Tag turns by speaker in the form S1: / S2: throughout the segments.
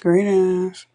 S1: Greetings.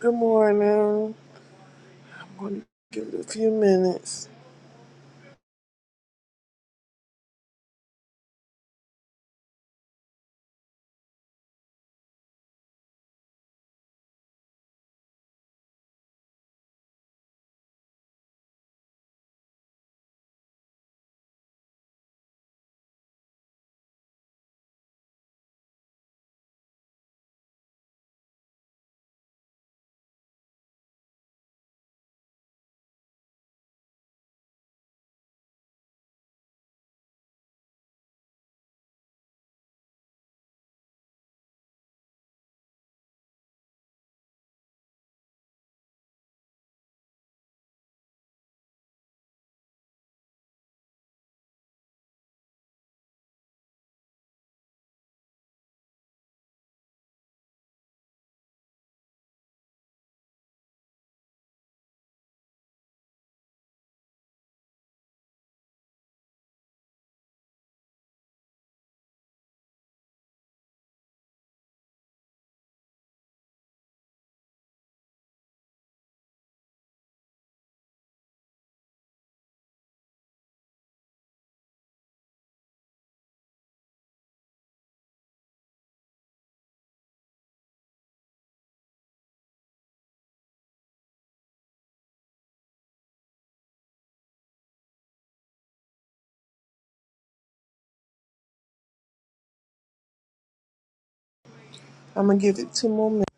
S2: Good morning. I'm gonna give it a few minutes. I'm gonna give it two more minutes.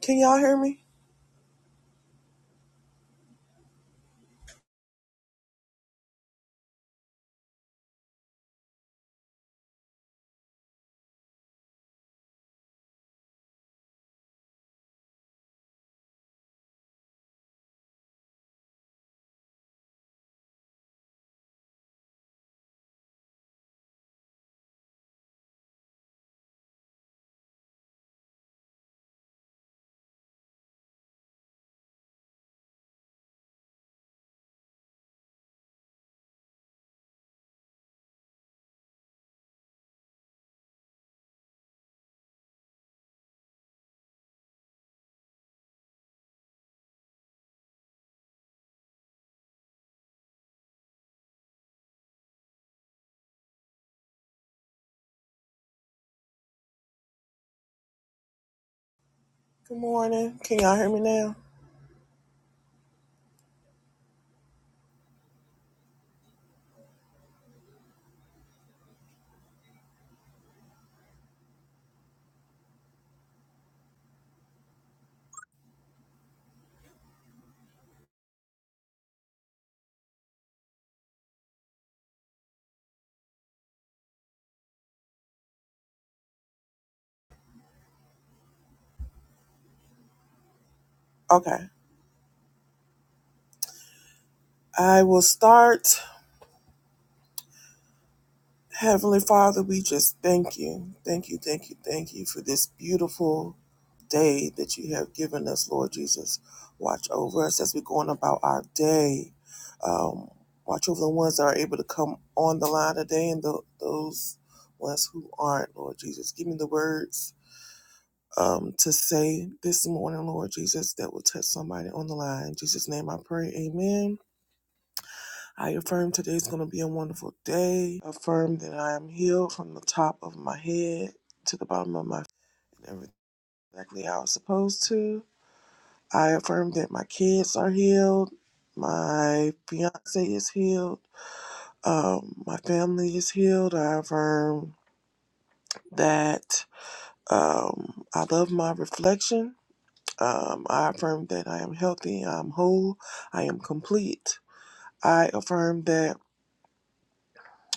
S2: Can y'all hear me? Good morning. Can y'all hear me now? Okay. I will start. Heavenly Father, we just thank you. Thank you, thank you, thank you for this beautiful day that you have given us, Lord Jesus. Watch over us as we're going about our day. Um, watch over the ones that are able to come on the line today and the, those ones who aren't, Lord Jesus. Give me the words um, to say this morning, Lord Jesus, that will touch somebody on the line. In Jesus' name I pray, amen. I affirm today is going to be a wonderful day. Affirm that I am healed from the top of my head to the bottom of my feet, and everything exactly how I was supposed to. I affirm that my kids are healed, my fiance is healed, um, my family is healed. I affirm that um, I love my reflection Um, I affirm that I am healthy, I'm whole, I am complete. I affirm that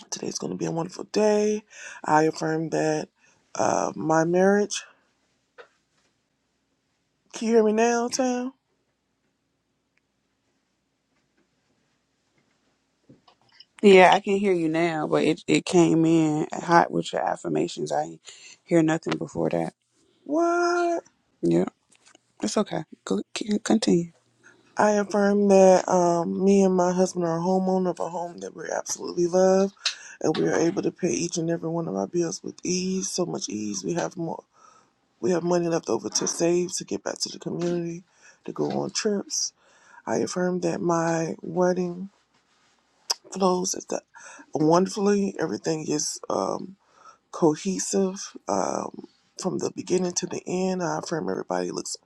S2: today's going to be a wonderful day. I affirm that uh, my marriage. Can you hear me now, Tam?
S1: Yeah, I can hear you now, but it, it came in hot with your affirmations. I didn't hear nothing before that.
S2: What?
S1: Yeah, it's okay. Go, c- continue.
S2: I affirm that um, me and my husband are a homeowner of a home that we absolutely love, and we are able to pay each and every one of our bills with ease. So much ease. We have more. We have money left over to save to get back to the community, to go on trips I affirm that my wedding flows at the, wonderfully. Everything is um, cohesive um, from the beginning to the end. I affirm everybody looks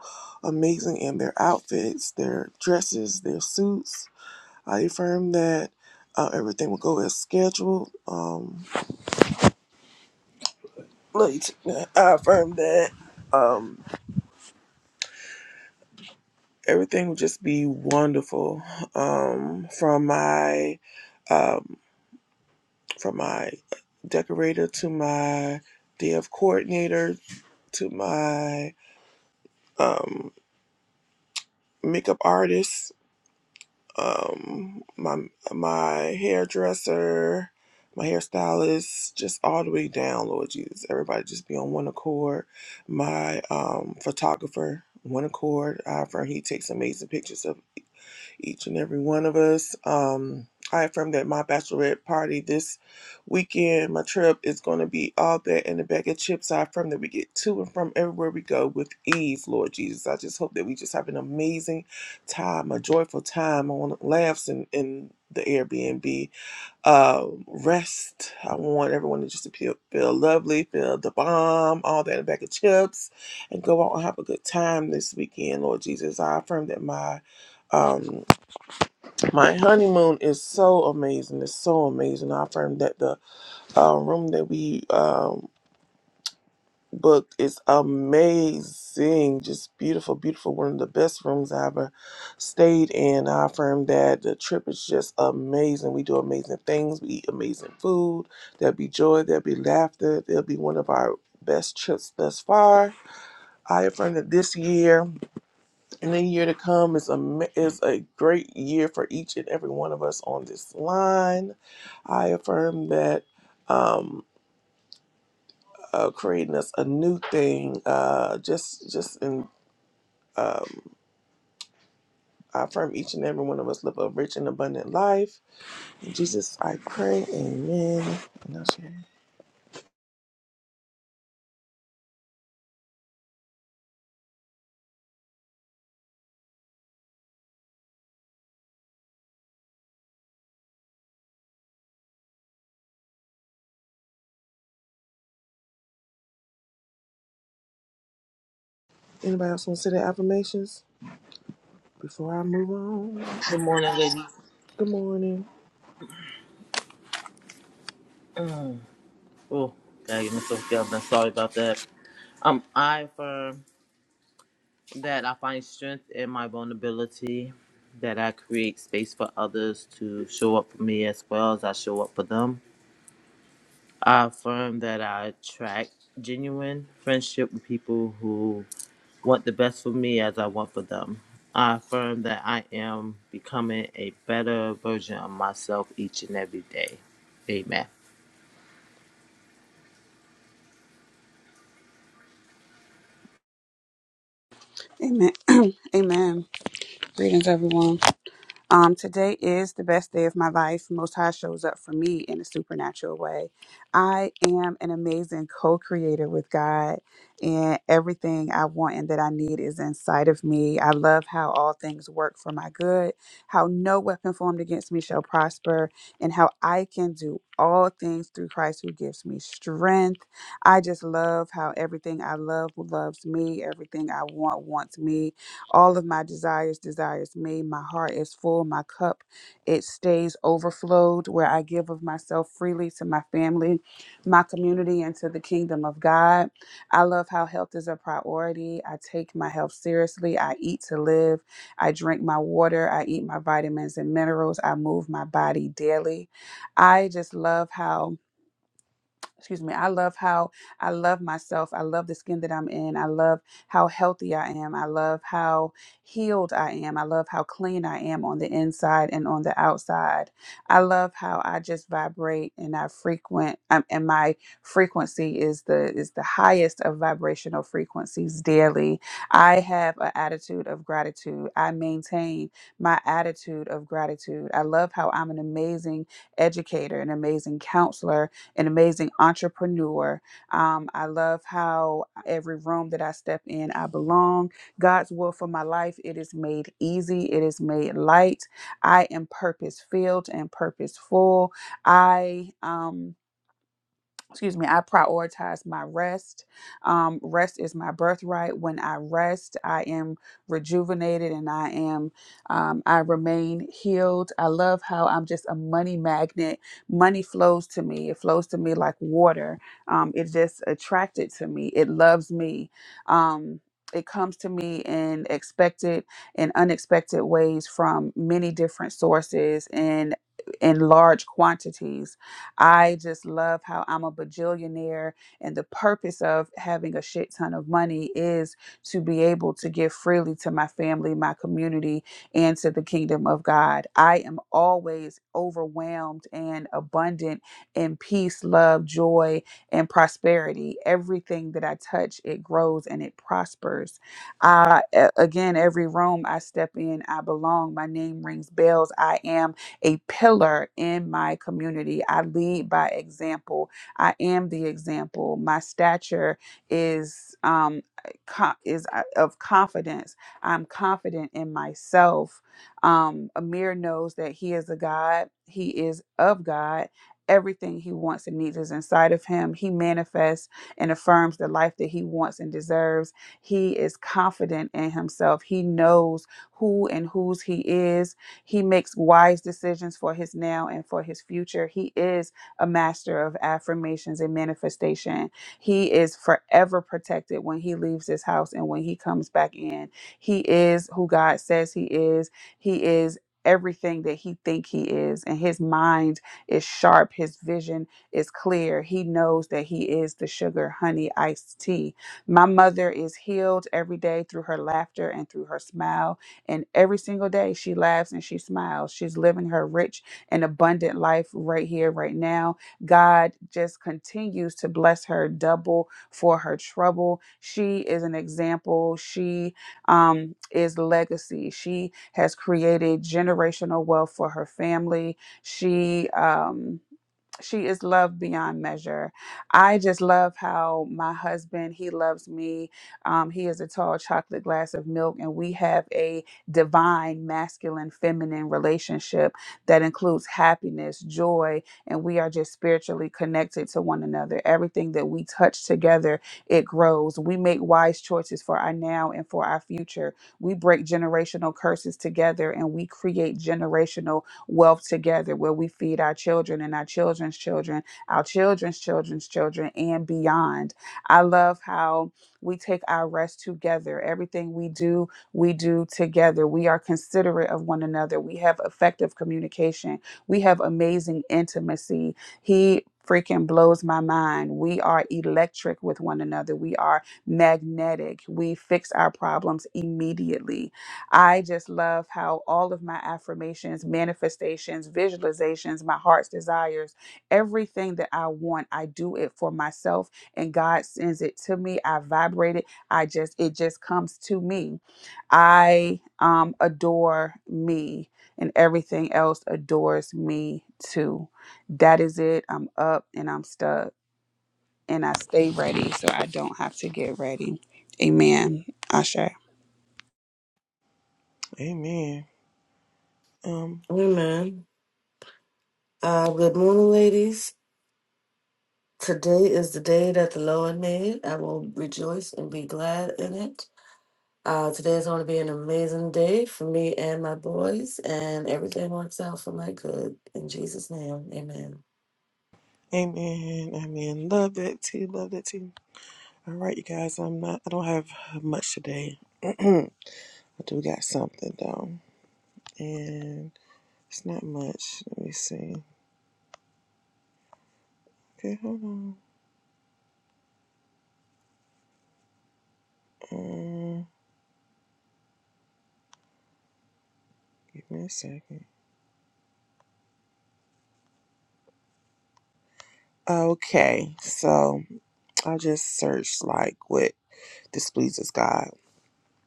S2: amazing in their outfits, their dresses, their suits. I affirm that uh, everything will go as scheduled. Um, like, I affirm that um, everything will just be wonderful um, from my. um, from my decorator to my DF coordinator to my um, makeup artist, um, my my hairdresser, my hairstylist, just all the way down, Lord Jesus. Everybody just be on one accord. My um, photographer, one accord. I affirm he takes amazing pictures of each and every one of us. Um, I affirm that my bachelorette party this weekend, my trip is going to be all that and a bag of chips. I affirm that we get to and from everywhere we go with ease, Lord Jesus. I just hope that we just have an amazing time, a joyful time. I want laughs in, in the Airbnb. Uh, rest. I want everyone to just to feel, feel lovely, feel the bomb, all that and a bag of chips, and go out and have a good time this weekend, Lord Jesus. I affirm that my. Um, my honeymoon is so amazing. It's so amazing. I affirm that the uh, room that we um, booked is amazing. Just beautiful, beautiful. One of the best rooms I ever stayed in. I affirm that the trip is just amazing. We do amazing things. We eat amazing food. There'll be joy. There'll be laughter. There'll be one of our best trips thus far. I affirm that this year. And the year to come is a ma- is a great year for each and every one of us on this line. I affirm that um, uh, creating us a new thing. Uh, just just in um, I affirm each and every one of us live a rich and abundant life. In Jesus, I pray. Amen. And I'll share. Anybody else want to say their affirmations before I move on?
S3: Good morning, ladies.
S2: Good morning.
S3: Mm. Oh, gotta get myself together. Sorry about that. Um, I affirm that I find strength in my vulnerability, that I create space for others to show up for me as well as I show up for them. I affirm that I attract genuine friendship with people who want the best for me as I want for them. I affirm that I am becoming a better version of myself each and every day. Amen.
S1: Amen. Amen. Greetings, everyone. Um, today is the best day of my life. Most High shows up for me in a supernatural way. I am an amazing co creator with God, and everything I want and that I need is inside of me. I love how all things work for my good, how no weapon formed against me shall prosper, and how I can do all things through Christ who gives me strength. I just love how everything I love loves me, everything I want wants me, all of my desires, desires me. My heart is full. My cup, it stays overflowed, where I give of myself freely to my family, my community, and to the kingdom of God. I love how health is a priority. I take my health seriously. I eat to live. I drink my water. I eat my vitamins and minerals. I move my body daily. I just love how excuse me i love how i love myself i love the skin that i'm in i love how healthy i am i love how healed i am i love how clean i am on the inside and on the outside i love how i just vibrate and i frequent um, and my frequency is the is the highest of vibrational frequencies daily i have an attitude of gratitude i maintain my attitude of gratitude i love how i'm an amazing educator an amazing counselor an amazing entrepreneur. Um, I love how every room that I step in, I belong. God's will for my life, it is made easy, it is made light. I am purpose filled and purposeful. I um excuse me, I prioritize my rest. Um, rest is my birthright. When I rest, I am rejuvenated and I am, um, I remain healed. I love how I'm just a money magnet. Money flows to me, it flows to me like water. Um, it just attracted to me, it loves me. Um, it comes to me in expected and unexpected ways from many different sources and in large quantities I just love how I'm a bajillionaire, and the purpose of having a shit ton of money is to be able to give freely to my family, my community, and to the kingdom of God. I am always overwhelmed and abundant in peace, love, joy, and prosperity. Everything that I touch, it grows and it prospers. I, a- again, every room I step in, I belong. My name rings bells. I am a pillar in my community. I lead by example. I am the example. My stature is um, co- is uh, of confidence. I'm confident in myself. Um, Amir knows that he is a God. He is of God. Everything he wants and needs is inside of him. He manifests and affirms the life that he wants and deserves. He is confident in himself. He knows who and whose he is he makes wise decisions for his now and for his future. He is a master of affirmations and manifestation. He is forever protected when he leaves his house and when he comes back in. He is who God says he is. He is everything that he think he is and his mind is sharp his vision is clear he knows that he is the sugar honey iced tea my mother is healed every day through her laughter and through her smile and every single day she laughs and she smiles. She's living her rich and abundant life right here, right now. God just continues to bless her double for her trouble. She is an example. She um, is legacy. She has created generational wealth for her family. She, um, she is loved beyond measure. I just love how my husband, he loves me. Um, he is a tall chocolate glass of milk, and we have a divine masculine feminine relationship that includes happiness, joy, and we are just spiritually connected to one another. Everything that we touch together, it grows. We make wise choices for our now and for our future. We break generational curses together and we create generational wealth together where we feed our children and our children's children, our children's children's children, and beyond. I love how we take our rest together. Everything we do, we do together. We are considerate of one another. We have effective communication. We have amazing intimacy. He freaking blows my mind. We are electric with one another. We are magnetic. We fix our problems immediately I just love how all of my affirmations, manifestations, visualizations, my heart's desires, everything that I want, I do it for myself and God sends it to me. I vibrate it. I just it just comes to me. I um adore me and everything else adores me too. That is it. I'm up and I'm stuck and I stay ready so I don't have to get ready. Amen. Asher.
S2: Amen. Um.
S4: Amen. Uh, good morning, ladies. Today is the day that the Lord made. I will rejoice and be glad in it. Uh, today is going to be an amazing day for me and my boys, and everything works out for my good. In Jesus' name, amen.
S2: Amen. Amen. Love that tea. Love that tea. All right, you guys. I'm not. I don't have much today. I do got something though, and it's not much. Let me see. Okay, hold on. Um, give me a second. Okay, so I just searched like what displeases God,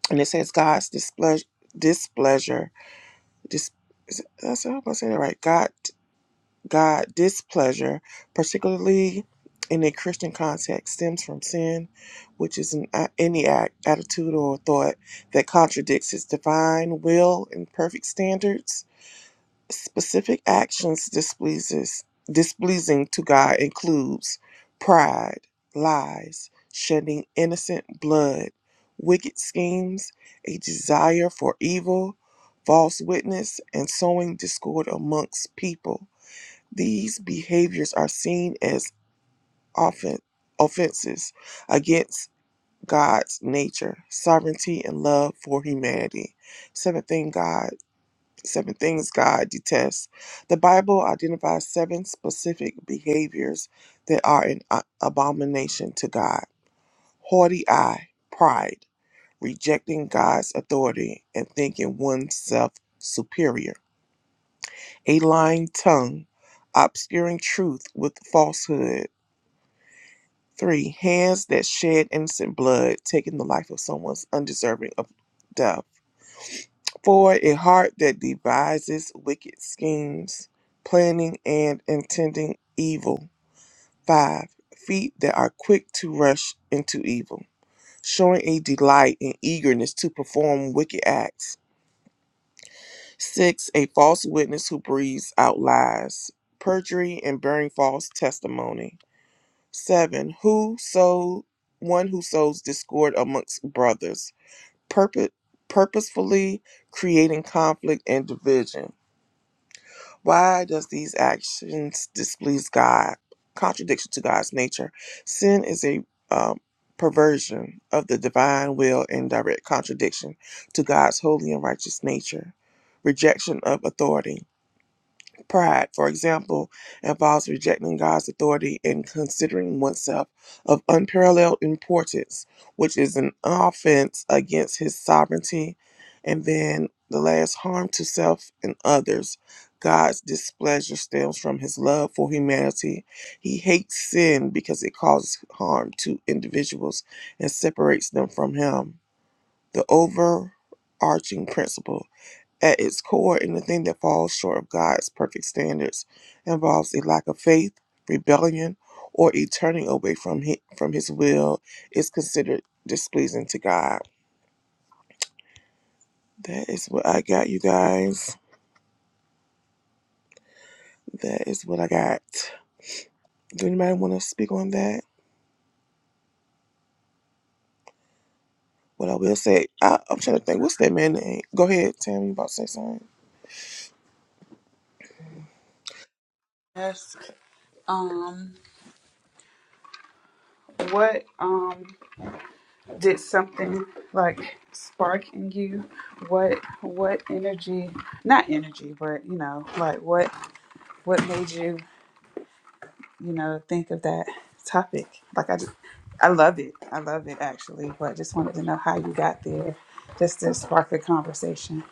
S2: and it says God's displeasure. Displeasure. Dis. is it- That's how I'm gonna say that right. God. God displeasure, particularly in a Christian context, stems from sin, which is an, any act, attitude, or thought that contradicts His divine will and perfect standards. Specific actions displeases displeasing to God includes pride, lies, shedding innocent blood, wicked schemes, a desire for evil, false witness, and sowing discord amongst people. These behaviors are seen as offen- offenses against God's nature, sovereignty, and love for humanity. Seven thing God, seven things God detests. The Bible identifies seven specific behaviors that are an a- abomination to God: haughty eye, pride, rejecting God's authority, and thinking oneself superior. A lying tongue, obscuring truth with falsehood Three, hands that shed innocent blood, taking the life of someone undeserving of death. Four, a heart that devises wicked schemes, planning and intending evil. Five, feet that are quick to rush into evil, showing a delight and eagerness to perform wicked acts. Six, a false witness who breathes out lies, perjury, and bearing false testimony. Seven, who sow one who sows discord amongst brothers, purpo- purposefully creating conflict and division. Why does these actions displease God? Contradiction to God's nature. Sin is a um, perversion of the divine will and direct contradiction to God's holy and righteous nature. Rejection of authority Pride, for example, involves rejecting God's authority and considering oneself of unparalleled importance, which is an offense against his sovereignty. And then the last harm to self and others. God's displeasure stems from his love for humanity. He hates sin because it causes harm to individuals and separates them from him. The overarching principle at its core, anything that falls short of God's perfect standards involves a lack of faith, rebellion, or a turning away from his, from his will is considered displeasing to God. That is what I got, you guys. That is what I got. Do anybody want to speak on that? What I will say, I, I'm trying to think, what's that man name? Go ahead, Tammy, you about to say something?
S1: Yes. Um what um did something like spark in you what what energy not energy but you know like what what made you you know think of that topic like i just i love it i love it actually but I just wanted to know how you got there just to
S2: Oh,
S1: spark a conversation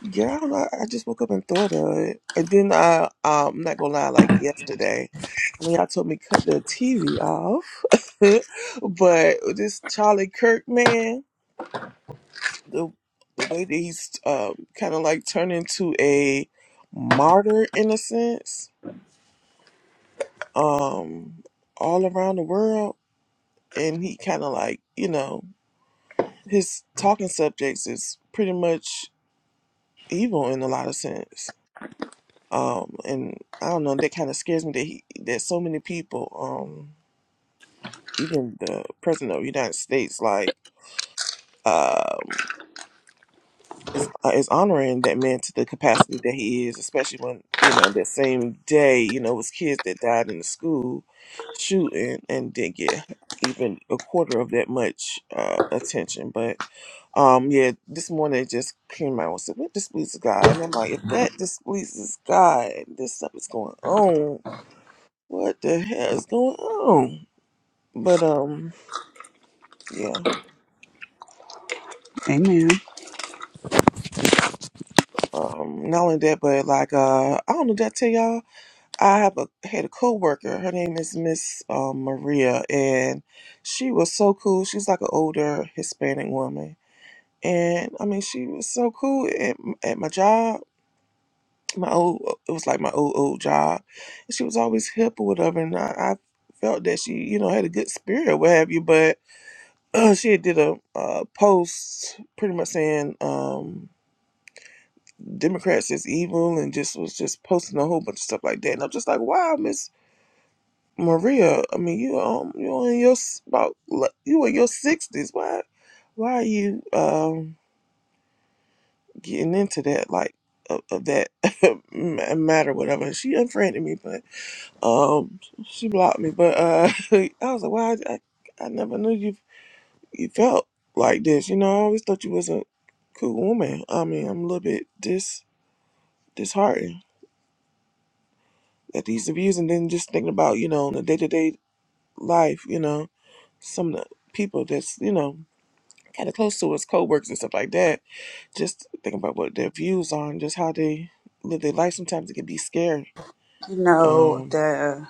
S2: Yeah, I don't know. I just woke up and thought of it. And then I, um, I'm not gonna lie, like yesterday, when y'all told me cut the TV off. but this Charlie Kirk man, the the way that he's um, kind of like turned into a martyr in a sense, um, all around the world, and he kind of like you know his talking subjects is pretty much evil in a lot of sense. Um, and I don't know that kind of scares me that he that so many people, um, even the president of the United States, like. um. is uh, is honoring that man to the capacity that he is, especially when you know that same day you know it was kids that died in the school shooting and didn't get even a quarter of that much uh, attention. But um, yeah, this morning it just came out and said, "What displeases God?" And I'm like, if that displeases God, this stuff is going on. What the hell is going on? But um, yeah.
S1: amen
S2: Um, not only that, but like uh, I don't know. Did I tell y'all? I have a had a coworker. Her name is Miss um, Maria, and she was so cool. She's like an older Hispanic woman, and I mean, she was so cool at, at my job. My old, it was like my old old job. And she was always hip or whatever, and I, I felt that she, you know, had a good spirit, or what have you. But uh, she had did a uh, post pretty much saying um, Democrats is evil, and just was just posting a whole bunch of stuff like that. And I'm just like, wow, Miss Maria, I mean, you um, you in your s- about like, you in your sixties. Why, why are you um getting into that like of, of that ma- matter whatever? And She unfriended me, but um, she blocked me. But uh, I was like, why? I, I never knew you you felt like this. You know, I always thought you was a cool woman. I mean, I'm a little bit dis disheartened at these abuse, and then just thinking about you know the day to day life. You know, some of the people that's you know. kind of close to his co-workers and stuff like that. Just thinking about what their views are and just how they live their life. Sometimes it can be scary.
S1: you know
S2: Um,
S1: the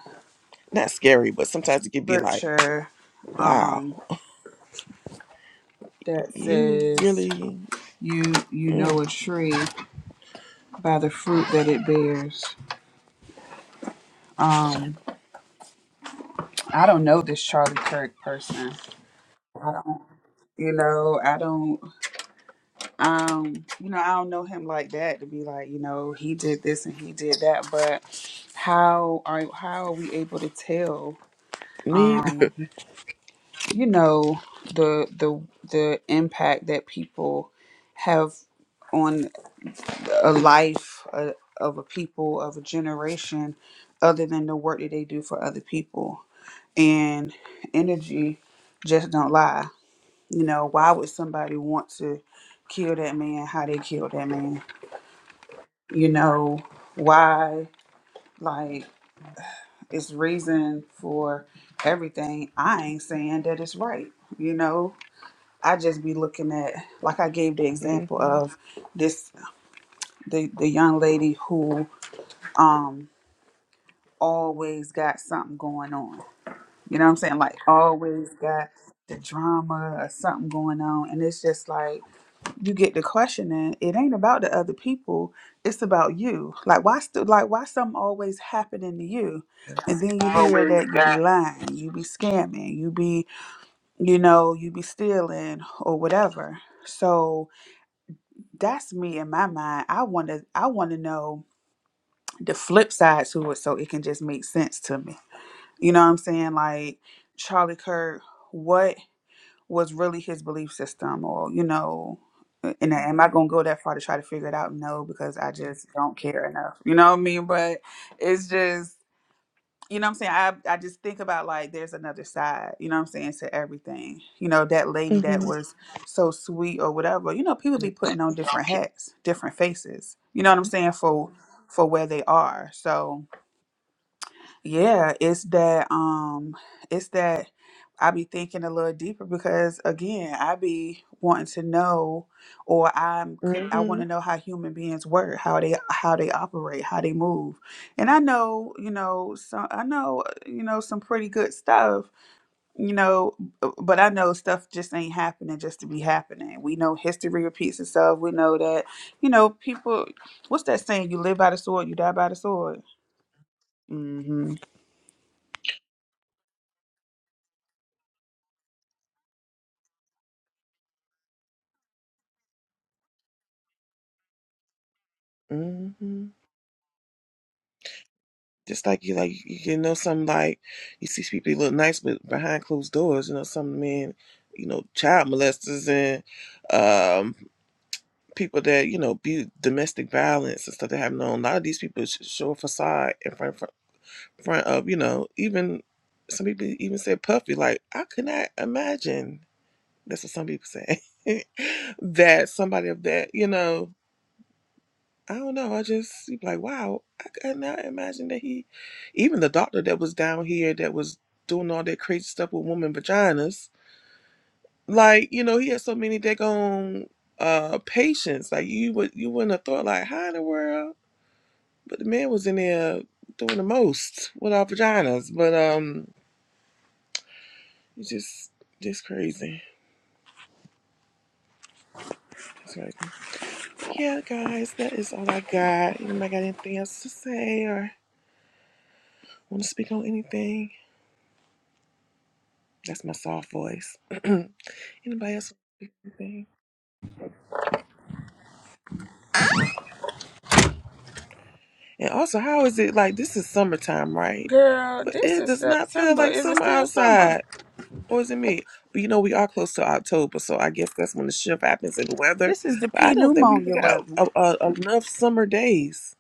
S2: not scary, but sometimes it can be like,
S1: scripture
S2: wow,
S1: um that
S2: you
S1: says
S2: really
S1: you you know a tree by the fruit that it bears um I don't know this Charlie Kirk person. I don't, you know, I don't, um, you know, I don't know him like that to be like, you know, he did this and he did that. But how are how are we able to tell,
S2: need.
S1: um, you know, the the the impact that people have on a life uh, of a people of a generation, other than the work that they do for other people and energy just don't lie You know, why would somebody want to kill that man? How they killed that man? You know, why? Like, it's reason for everything. I ain't saying that it's right. You know, I just be looking at like I gave the example
S2: Mm-hmm,
S1: of this the the young lady who um always got something going on. You know what I'm saying? Like always got the drama or something going on, and it's just like you get to questioning it ain't about the other people it's about you like why still like why something always happening to you and then you hear
S2: Always
S1: that you be
S2: got
S1: lying you be scamming you be you know you be stealing or whatever so that's me in my mind i want to i want to know the flip side to it so it can just make sense to me you know what i'm saying like charlie kirk what was really his belief system or you know and am i going to go that far to try to figure it out no because i just don't care enough you know what i mean but it's just you know what i'm saying i, I just think about like there's another side you know what i'm saying to everything you know that lady that
S2: mm-hmm,
S1: was so sweet or whatever you know people be putting on different hats different faces you know what i'm saying for for where they are so yeah, it's that um it's that I be thinking a little deeper because again, I be wanting to know or I'm con- I
S2: mm-hmm,
S1: want to know how human beings work, how they how they operate, how they move. And I know, you know, some I know, uh, you know, some pretty good stuff, you know, b- but I know stuff just ain't happening just to be happening. We know history repeats itself. We know that, you know, people what's that saying? You live by the sword, you die by the sword. Mm-hmm.
S2: mm-hmm. Just like you, like you can know some like you see people who look nice, but behind closed doors, you know some men, you know child molesters and um people that you know be domestic violence and stuff that happen on. A lot of these people sh- show a facade in front front, front of you know even some people even said puffy. Like I could not imagine. That's what some people say. that somebody of that you know. I don't know. I just you be like, wow, I could not imagine that he, even the doctor that was down here that was doing all that crazy stuff with women vaginas, like you know, he had so many that gone uh patients. Like you would you wouldn't have thought like how in the world But the man was in there doing the most with our vaginas. But um, it's just just crazy, just crazy. But yeah, guys, that is all I got. Anybody got anything else to say or want to speak on anything? That's my soft voice. Anybody else? want Anything? And also, how is it like? This is summertime, right?
S1: Girl,
S2: But
S1: this
S2: it
S1: is
S2: does not feel
S1: September.
S2: like
S1: Is it
S2: summer
S1: still summer?
S2: outside. Or is it me? But you know, we are close to October, so I guess that's when the shift happens in the weather.
S1: This is the
S2: But I
S1: P
S2: don't think we've
S1: pneumonia
S2: got
S1: weather.
S2: a, a, enough summer days.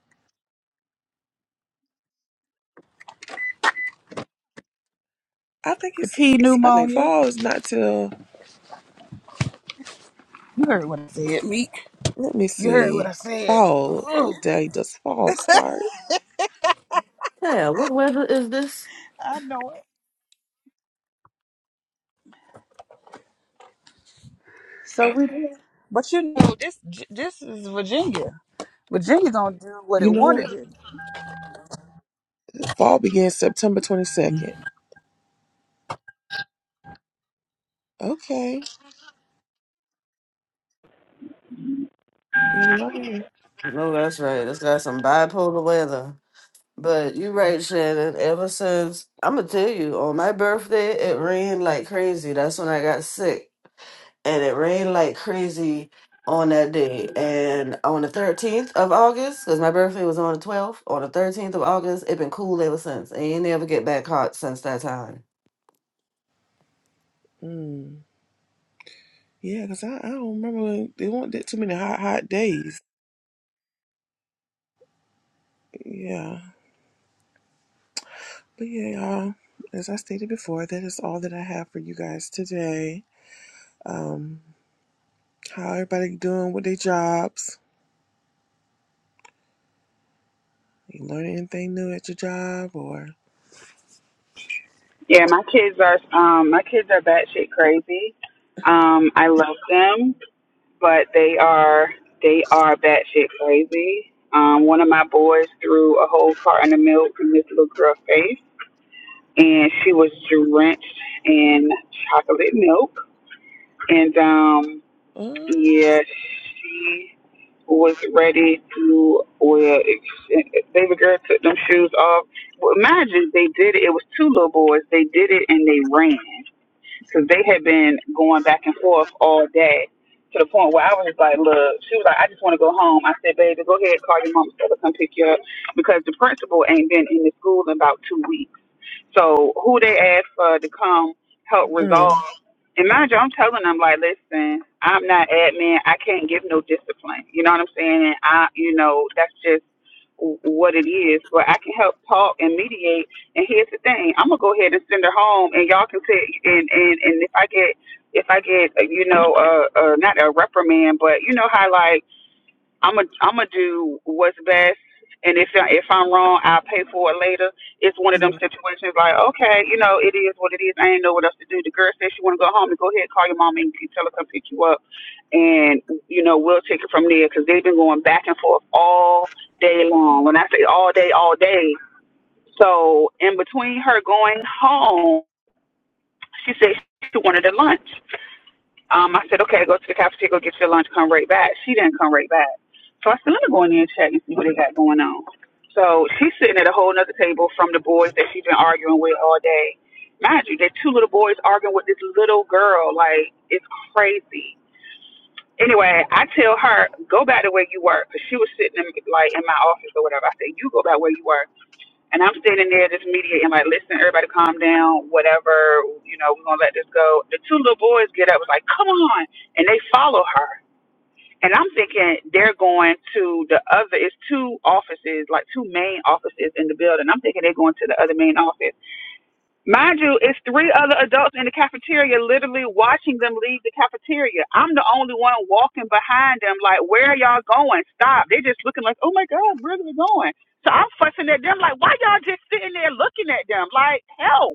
S2: I think
S1: The
S2: it's,
S1: P
S2: I think
S1: pneumonia.
S2: fall is not till,
S1: You heard what I said, Meek.
S2: let me
S1: You heard what I
S2: see,
S1: said.
S2: fall.
S1: Ugh,
S2: What day does fall start?
S4: Yeah, what weather is this?
S1: I know it. So we did. But you know, this this is Virginia. Virginia gonna do what
S2: You
S1: it
S2: know
S1: wanna
S2: what?
S1: do.
S2: Fall begins September 22nd. Okay. Yeah, we are here.
S4: No, that's right. It's got some bipolar weather. But you're right, Shannon. Ever since, I'm going to tell you, on my birthday, it rained like crazy. That's when I got sick. and it rained like crazy on that day. And on the 13th of August, because my birthday was on the 12th, on the 13th of August, it been cool ever since. And ain't never get back hot since that time.
S2: Mm. Yeah, because I, I don't remember when there weren't that too many hot, hot days. Yeah. But yeah, y'all, as I stated before, that is all that I have for you guys today. Um, how everybody doing with their jobs? You learn anything new at your job or?
S1: Yeah, my kids are um my kids are batshit crazy. Um, I love them. but they are they are batshit crazy. Um, one of my boys threw a whole carton of milk in this little girl's face, and she was drenched in chocolate milk. And um,
S2: Uh,
S1: yeah, she was ready to. Well, baby girl took them shoes off. Well, imagine they did it. It was two little boys. They did it and they ran because they had been going back and forth all day to the point where I was just like, look, she was like, I just want to go home. I said, baby, go ahead, call your mom so to come pick you up because the principal ain't been in the school in about two weeks. So who they asked for to come help
S2: mm,
S1: resolve. And mind you, I'm telling them like, listen, I'm not admin. I can't give no discipline. You know what I'm saying? And I, you know, that's just what it is, but I can help talk and mediate. And here's the thing: I'm gonna go ahead and send her home, and y'all can say, and and and if I get if I get uh, you know uh, uh not a reprimand, but you know how like I'm a I'm gonna do what's best. And if I- if I'm wrong, I'll pay for it later. It's one of them
S2: yeah.
S1: situations like, okay, you know, it is what it is. I ain't know what else to do. The girl said she want to go home and go ahead, call your mom and tell her come pick you up and you know we'll take it from there because they've been going back and forth all day long. When I say all day, all day. So in between her going home, she said she wanted a lunch. Um, I said, okay, go to the cafeteria, go get your lunch, come right back. She didn't come right back. So I said, let me go in there and check and see what they got going on. So she's sitting at a whole nother table from the boys that she's been arguing with all day. Mind you, they're two little boys arguing with this little girl. Like, it's crazy. Anyway, I tell her, go back to where you were because she was sitting in, like in my office or whatever. I said, you go back where you were. And I'm standing there, this media, and like, listen, everybody calm down, whatever, you know, we're going to let this go. The two little boys get up, was like, come on. And they follow her. And I'm thinking they're going to the other, it's two offices, like two main offices in the building. I'm thinking they're going to the other main office. Mind you, it's three other adults in the cafeteria literally watching them leave the cafeteria. I'm the only one walking behind them, like, where are y'all going? Stop. They're just looking like, oh my God, where are we going? So I'm fussing at them, like, why y'all just sitting there looking at them? Like, help.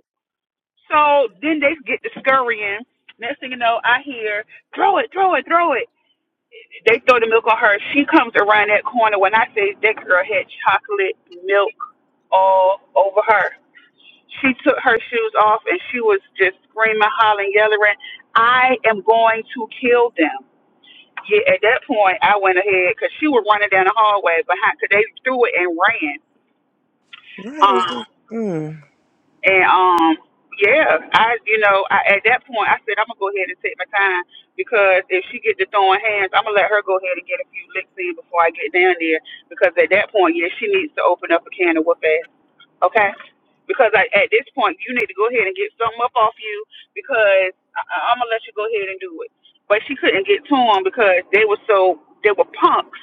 S1: So then they get to scurrying. Next thing you know, I hear, throw it, throw it, throw it. They throw the milk on her. She comes around that corner. When I say that girl had chocolate milk all over her she took her shoes off and she was just screaming, hollering, yelling, I am going to kill them. Yeah, at that point, I went ahead because she was running down the hallway behind because they threw it and ran.
S2: Right, it's
S1: Um,
S2: the- Mm,
S1: and um, yeah, I, you know, I, at that point, I said, I'm going to go ahead and take my time because if she get to throwing hands, I'm going to let her go ahead and get a few licks in before I get down there because at that point, yeah, she needs to open up a can of whoop ass. Okay? because I, at this point you need to go ahead and get something up off you because I, I'm gonna let you go ahead and do it. But she couldn't get to him because they were so they were punks.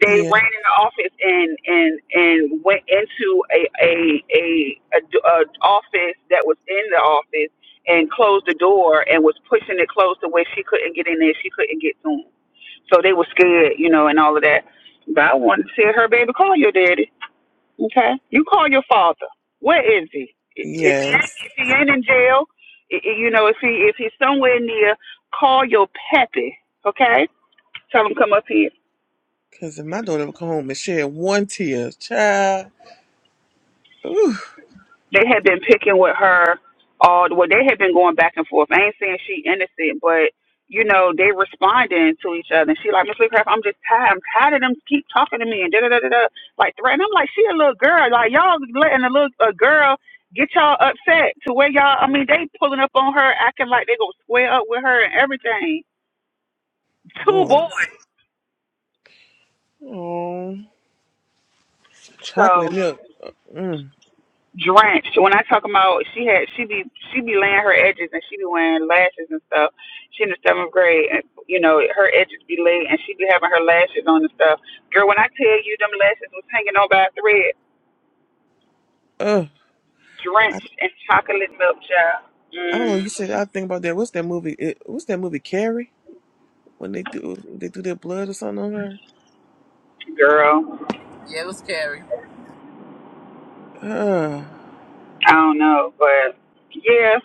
S1: They
S2: yeah.
S1: ran in the office and and and went into a a a, a, d- a office that was in the office and closed the door and was pushing it closed to where she couldn't get in there. She couldn't get to him, so they were scared, you know, and all of that. But I wanted to see her baby call your daddy. Okay, you call your father. Where is he? I- If he ain't,
S2: Yes.
S1: if he ain't in jail, i- i- you know, if he if he's somewhere near, call your pappy. Okay, tell him come up here.
S2: Because if my daughter would come home and shed one tear, child. Ooh,
S1: they had been picking with her all well they had been going back and forth. I ain't saying she innocent, but you know, they responding to each other and she like, Miss Leecraft, I'm just tired. I'm tired of them keep talking to me and da da da da da like threatening. I'm like, she a little girl. Like y'all letting a little a girl get y'all upset to where y'all I mean, they pulling up on her, acting like they gonna square up with her and everything. Two
S2: boys.
S1: boys.
S2: Oh,
S1: so.
S2: chocolate milk. Mm,
S1: drenched. When I talk about she had she be she be laying her edges and she be wearing lashes and stuff. She in the seventh grade and you know, her edges be laid and she be having her lashes on and stuff. Girl, when I tell you them lashes was hanging on by a thread,
S2: ugh. I,
S1: drenched in chocolate milk, child.
S2: I don't know. You
S1: Mm,
S2: said I think about that. What's that movie? It, what's that movie? Carrie. When they do they do their blood or something on
S1: girl,
S3: Yeah, it was Carrie.
S2: her. Uh,
S1: I don't know, but yeah,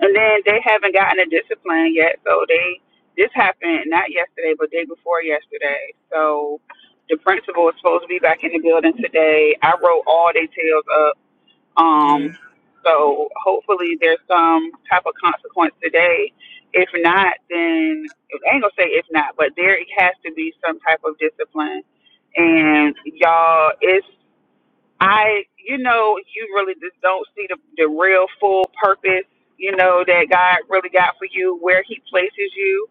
S1: And then they haven't gotten a discipline yet. So they this happened not yesterday, but day before yesterday. So the principal is supposed to be back in the building today. I wrote all details up. Um,
S2: yeah.
S1: so hopefully there's some type of consequence today. If not, then I ain't gonna say if not, but there has to be some type of discipline. And y'all, it's I, you know, you really just don't see the, the real full purpose, you know, that God really got for you, where He places you.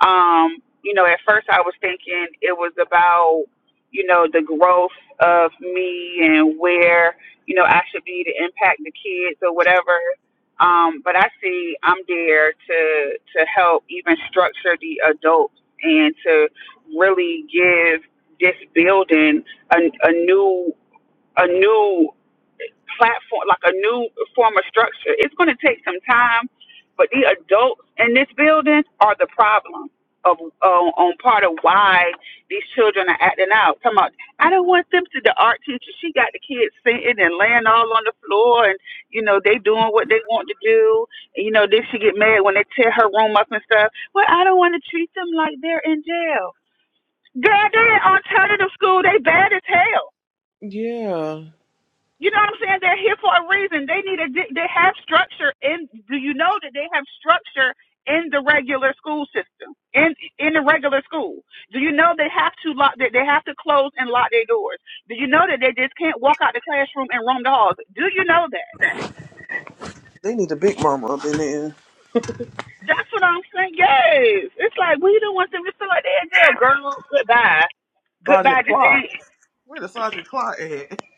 S1: Um, you know, at first I was thinking it was about, you know, the growth of me and where, you know, I should be to impact the kids or whatever. Um, but I see I'm there to to help even structure the adults and to really give this building a, a new a new platform, like a new form of structure. It's going to take some time, but the adults in this building are the problem of uh, on part of why these children are acting out. Come on, I don't want them to. The art teacher, she got the kids sitting and laying all on the floor, and you know they doing what they want to do. And, you know, then she get mad when they tear her room up and stuff. Well, I don't want to treat them like they're in jail. Girl, they're in alternative school. They bad as hell.
S2: Yeah.
S1: You know what I'm saying? They're here for a reason. They need a. di- They have structure in. Do you know that they have structure in the regular school system? In in the regular school. Do you know they have to lock? That they have to close and lock their doors. Do you know that they just can't walk out the classroom and roam the halls? Do you know that?
S2: They need a big mama up in there.
S1: And we feel like that, girl,
S2: Sergeant Clark. Where the Sergeant Clark at?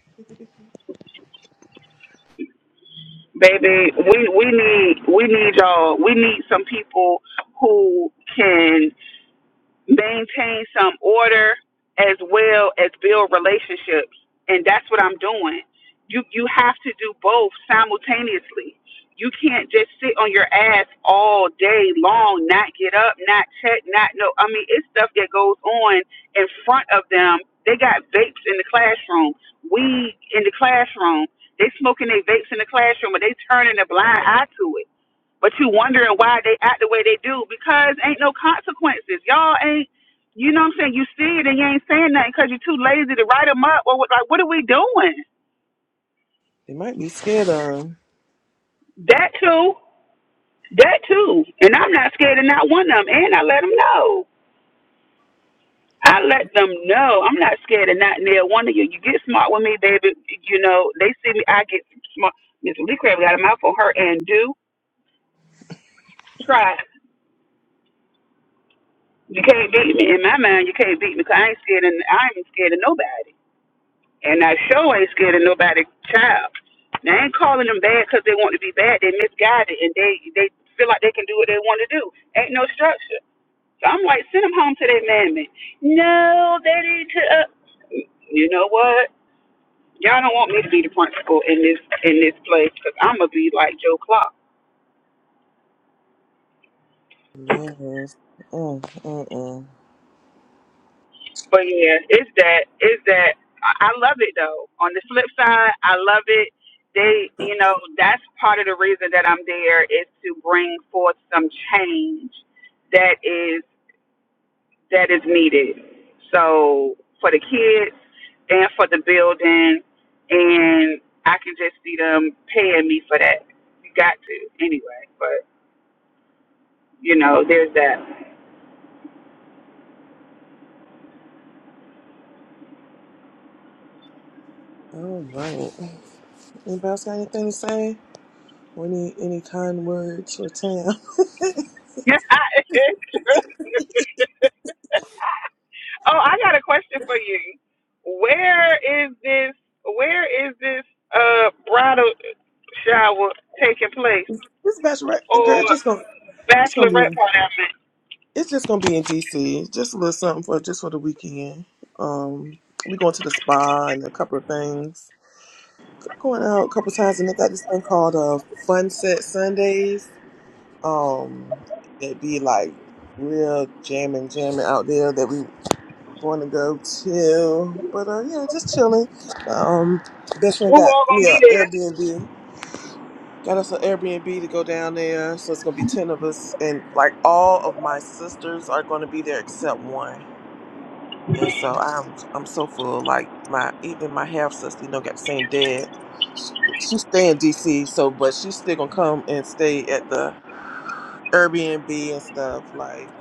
S1: baby, people who can. maintain some order as well as build relationships and that's what i'm doing you you have to do both simultaneously you can't just sit on your ass all day long not get up not check not know i mean it's stuff that goes on in front of them they got vapes in the classroom weed in the classroom they smoking their vapes in the classroom but they turning a blind eye to it but you wondering why they act the way they do because ain't no consequences. Y'all ain't, you know what I'm saying? You see it and you ain't saying nothing because you're too lazy to write 'em up. Or what, like, what are we doing?
S2: They might be scared of him.
S1: That too, that too. And I'm not scared of not one of them. And I let 'em know. I let them know I'm not scared of not near one of you. You get smart with me, David. You know they see me. I get smart. Miss Lee Crab got a mouthful. Her and do try. You can't beat me in my mind. You can't beat me because I ain't scared and I ain't scared of nobody. And I sure ain't scared of nobody child. Now I ain't calling them bad 'cause they want to be bad. They misguided and they they feel like they can do what they want to do. Ain't no structure. So I'm like, send them home to their mammy. No, they need to. Uh, you know what? Y'all don't want me to be the principal in this in this place 'cause I'm gonna be like Joe Clark.
S2: Yes. Mm, mm, mm.
S1: But yeah, it's that it's that I I love it though. On the flip side, I love it. They, you know, that's part of the reason that I'm there is to bring forth some change that is that is needed. So for the kids and for the building, and I can just see them paying me for that. You got to anyway, but you know, there's that.
S2: All right. Anybody else got anything to say? Or any any kind words for Tam?
S1: Oh, I got a question for you. Where is this? Where is this uh bridal shower taking place
S2: This bachelorette, the
S1: or
S2: girl just gonna it's gonna be
S1: bachelorette
S2: in,
S1: party? I mean,
S2: it's just gonna be in DC. Just a little something for just for the weekend. Um, we going to the spa and a couple of things. Going out a couple times, and they got this thing called uh, Fun Set Sundays um that be like real jamming jamming out there that we going to go to but uh yeah just chilling um best
S1: who
S2: friend got
S1: all
S2: me
S1: gonna be
S2: a
S1: there?
S2: airbnb got us an airbnb to go down there so it's gonna be 10 of us and like all of my sisters are gonna be there except one and so i'm i'm so full like my even my half sister you know got the same dad she, she stay in dc so but she's still gonna come and stay at the airbnb and stuff like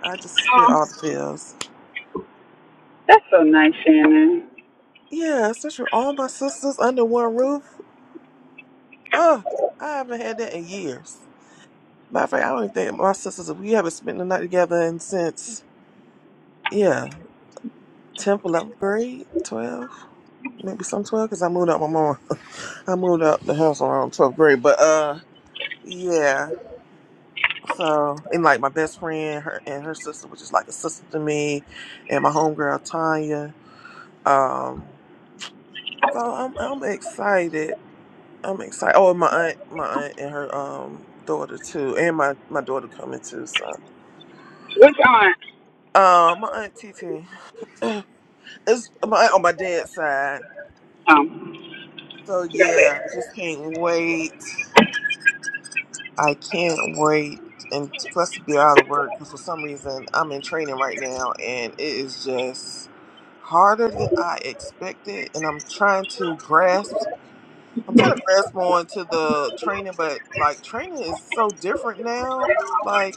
S2: I just spit all the pills.
S1: That's so nice, Shannon.
S2: Yeah, since you're all my sisters under one roof, oh, I haven't had that in years. Matter of fact, I don't even think my sisters, we haven't spent the night together in since, yeah, 10th, 11th grade, 12, maybe some 12, because I moved up my mom. I moved up the house around 12th grade, but uh, yeah. So, and like my best friend, her and her sister, which is like a sister to me, and my homegirl, Tanya. Um, so I'm, I'm excited I'm excited. Oh, and my aunt, my aunt and her um daughter too, and my my daughter coming too. So,
S1: Which aunt?
S2: um, my aunt T T it's my aunt on my dad's side.
S1: Um,
S2: So
S1: got
S2: yeah, I
S1: it.
S2: just can't wait. I can't wait, and plus to be out of work because for some reason I'm in training right now, and it is just harder than I expected, and I'm trying to grasp. I'm trying to grasp on to the training, but like training is so different now. Like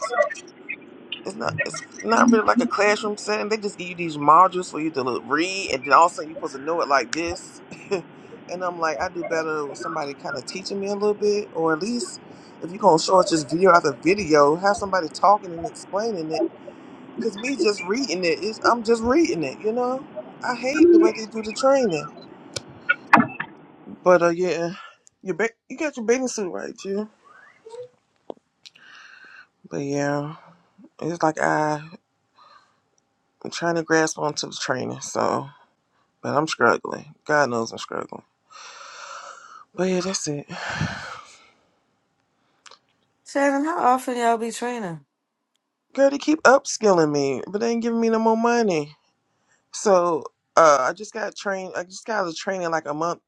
S2: it's not it's not really like a classroom setting. They just give you these modules for you to look, read, and then all of a sudden you're supposed to know it like this. and I'm like, I do better with somebody kind of teaching me a little bit, or at least if you're gonna show us just video after video, have somebody talking and explaining it. Cause me just reading it is I'm just reading it, you know. I hate the way they do the training. But uh, yeah, you ba- you got your bathing suit right, you. But yeah, it's like I, I'm trying to grasp onto the training, so. But I'm struggling. God knows I'm struggling. But yeah, that's it.
S4: Shannon, how often y'all be training?
S2: Girl, they keep upskilling me, but they ain't giving me no more money. So uh, I just got trained. I just got out of training like a month,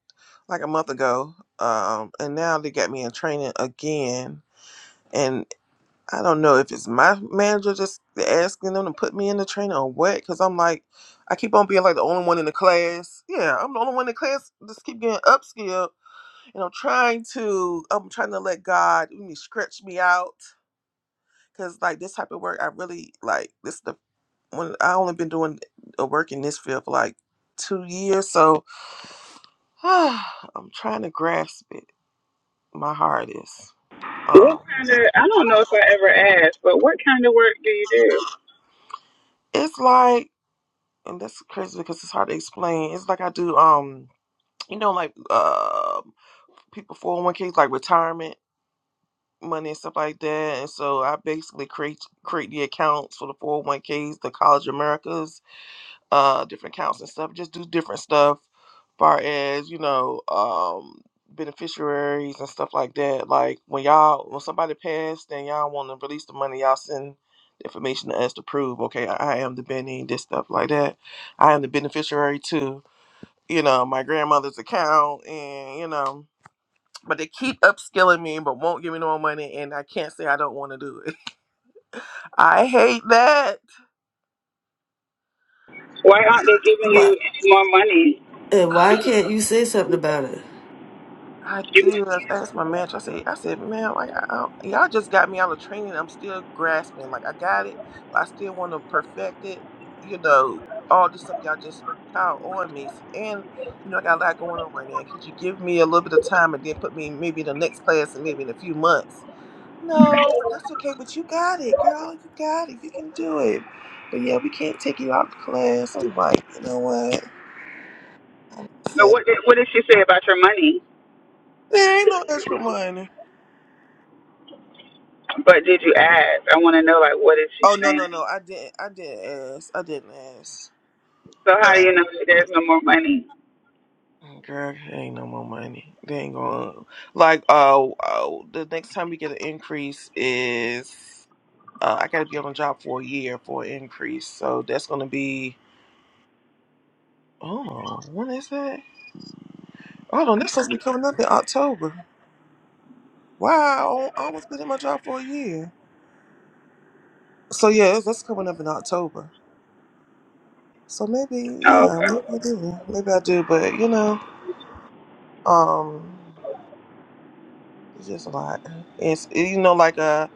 S2: like a month ago. Um, and now they got me in training again. And I don't know if it's my manager just asking them to put me in the training or what. Because I'm like, I keep on being like the only one in the class. Yeah, I'm the only one in the class. Just keep getting upskilled. And I'm trying to. I'm trying to let God mm, stretch me out because like this type of work i really like this is the when i only been doing a work in this field for like two years so i'm trying to grasp it my heart is
S1: What
S2: um
S1: kind of? I don't know if I ever asked, but what kind of work do you do?
S2: it's like and that's crazy because it's hard to explain it's like i do um you know like uh people 401ks like retirement money and stuff like that and so i basically create create the accounts for the 401ks the college americas uh different accounts and stuff just do different stuff far as you know um beneficiaries and stuff like that like when y'all when somebody passed and y'all want to release the money y'all send the information to us to prove okay i I am the benny this stuff like that i am the beneficiary to you know my grandmother's account and you know but they keep upskilling me but won't give me no more money and i can't say i don't want to do it i hate that
S1: Why aren't they giving
S4: What?
S1: you any more money?
S4: And why can't you say something about it?
S2: I
S1: You,
S2: did. I asked my manager. I said, I said, man, like I, I, y'all just got me out of training. I'm still grasping. Like I got it, but I still want to perfect it. You know, all this stuff y'all just piled on me, So- and you know, I got a lot going on right now. Could you give me a little bit of time and then put me maybe in the next class and maybe in a few months? No, but that's okay. But you got it, girl. You got it. You can do it. But yeah, we can't take you out of class. I'm like, you know what? I
S1: no,
S2: said,
S1: what did, what did she say about your money?
S2: There ain't no extra money.
S1: But did you ask? I want to know like what is she
S2: Oh no no
S1: saying?
S2: no! I didn't. I didn't ask. I didn't ask.
S1: So how do you know that there's no more money?
S2: Mm, Girl, it ain't no more money. They ain't gonna like. Oh, oh! the next time we get an increase is uh, I gotta be on a job for a year for an increase. So that's gonna be. Oh, when is that? Hold on, that's supposed to be coming up in October. Wow, I almost been in my job for a year. So yeah, that's that's coming up in October. So maybe
S1: Oh,
S2: yeah, maybe I do. Maybe I do. But you know, um. It's just a lot. It's you know like uh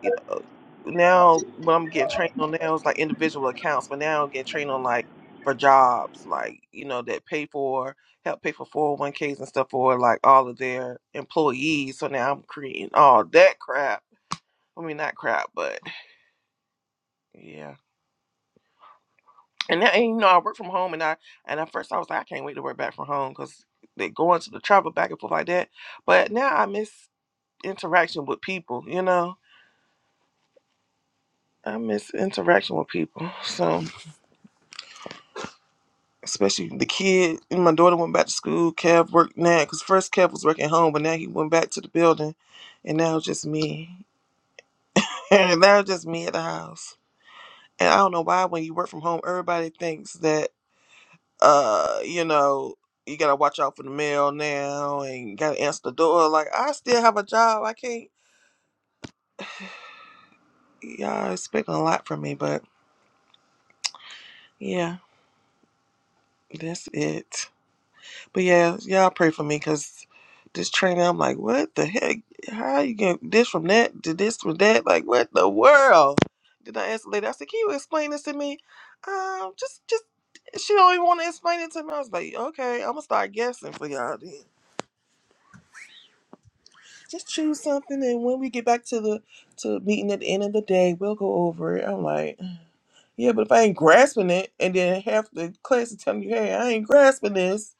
S2: you know now what I'm getting trained on now is like individual accounts, but now I'm getting trained on like for jobs like you know that pay for help pay for 401ks and stuff for like all of their employees. So now I'm creating all that crap. I mean not crap, but yeah. And now and, you know I work from home and I and at first I was like I can't wait to work back from home because they going to the travel back and forth like that. But now I miss interaction with people, you know I miss interaction with people. So, especially the kid and my daughter went back to school. Kev worked now because first Kev was working home, but now he went back to the building, and now it's just me. and now it's just me at the house. And I don't know why when you work from home, everybody thinks that uh, you know, you gotta watch out for the mail now and gotta answer the door. Like I still have a job. I can't. Y'all expecting a lot from me, but yeah, that's it. But yeah, y'all pray for me because this trainer, I'm like, what the heck? How you get this from that to this from that? Like, what the world? Then I asked the lady, I said, can you explain this to me? Um, just, just, she don't even want to explain it to me. I was like, okay, I'm gonna start guessing for y'all then. Just choose something, and when we get back to the to meeting at the end of the day, we'll go over it. I'm like, Yeah, but if I ain't grasping it, and then half the class is telling you, "Hey, I ain't grasping this,"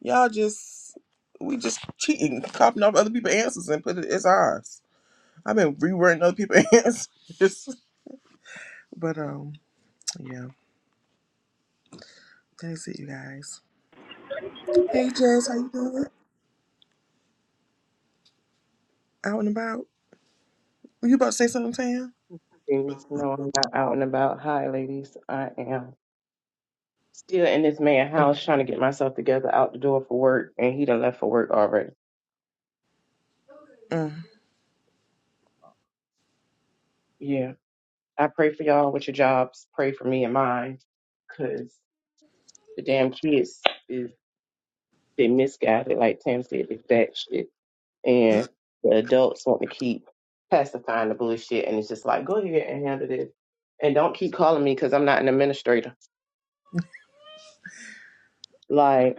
S2: y'all just we just cheating, copying off other people's answers and put it as ours. I've been rewriting other people's answers, but um, yeah, that's it, you guys. Hey, Jess, how you doing? Out and about? Were you about to say something, Tam?
S5: Things. No, I'm not out and about. Hi, ladies. I am still in this man house trying to get myself together out the door for work, and he done left for work already.
S2: Mm,
S5: Yeah. I pray for y'all with your jobs. Pray for me and mine, because the damn kids is they misguided, like Tam said, they fat shit. And the adults want to keep pacifying the bullshit, and it's just like, go ahead and handle this. And don't keep calling me because I'm not an administrator. Like.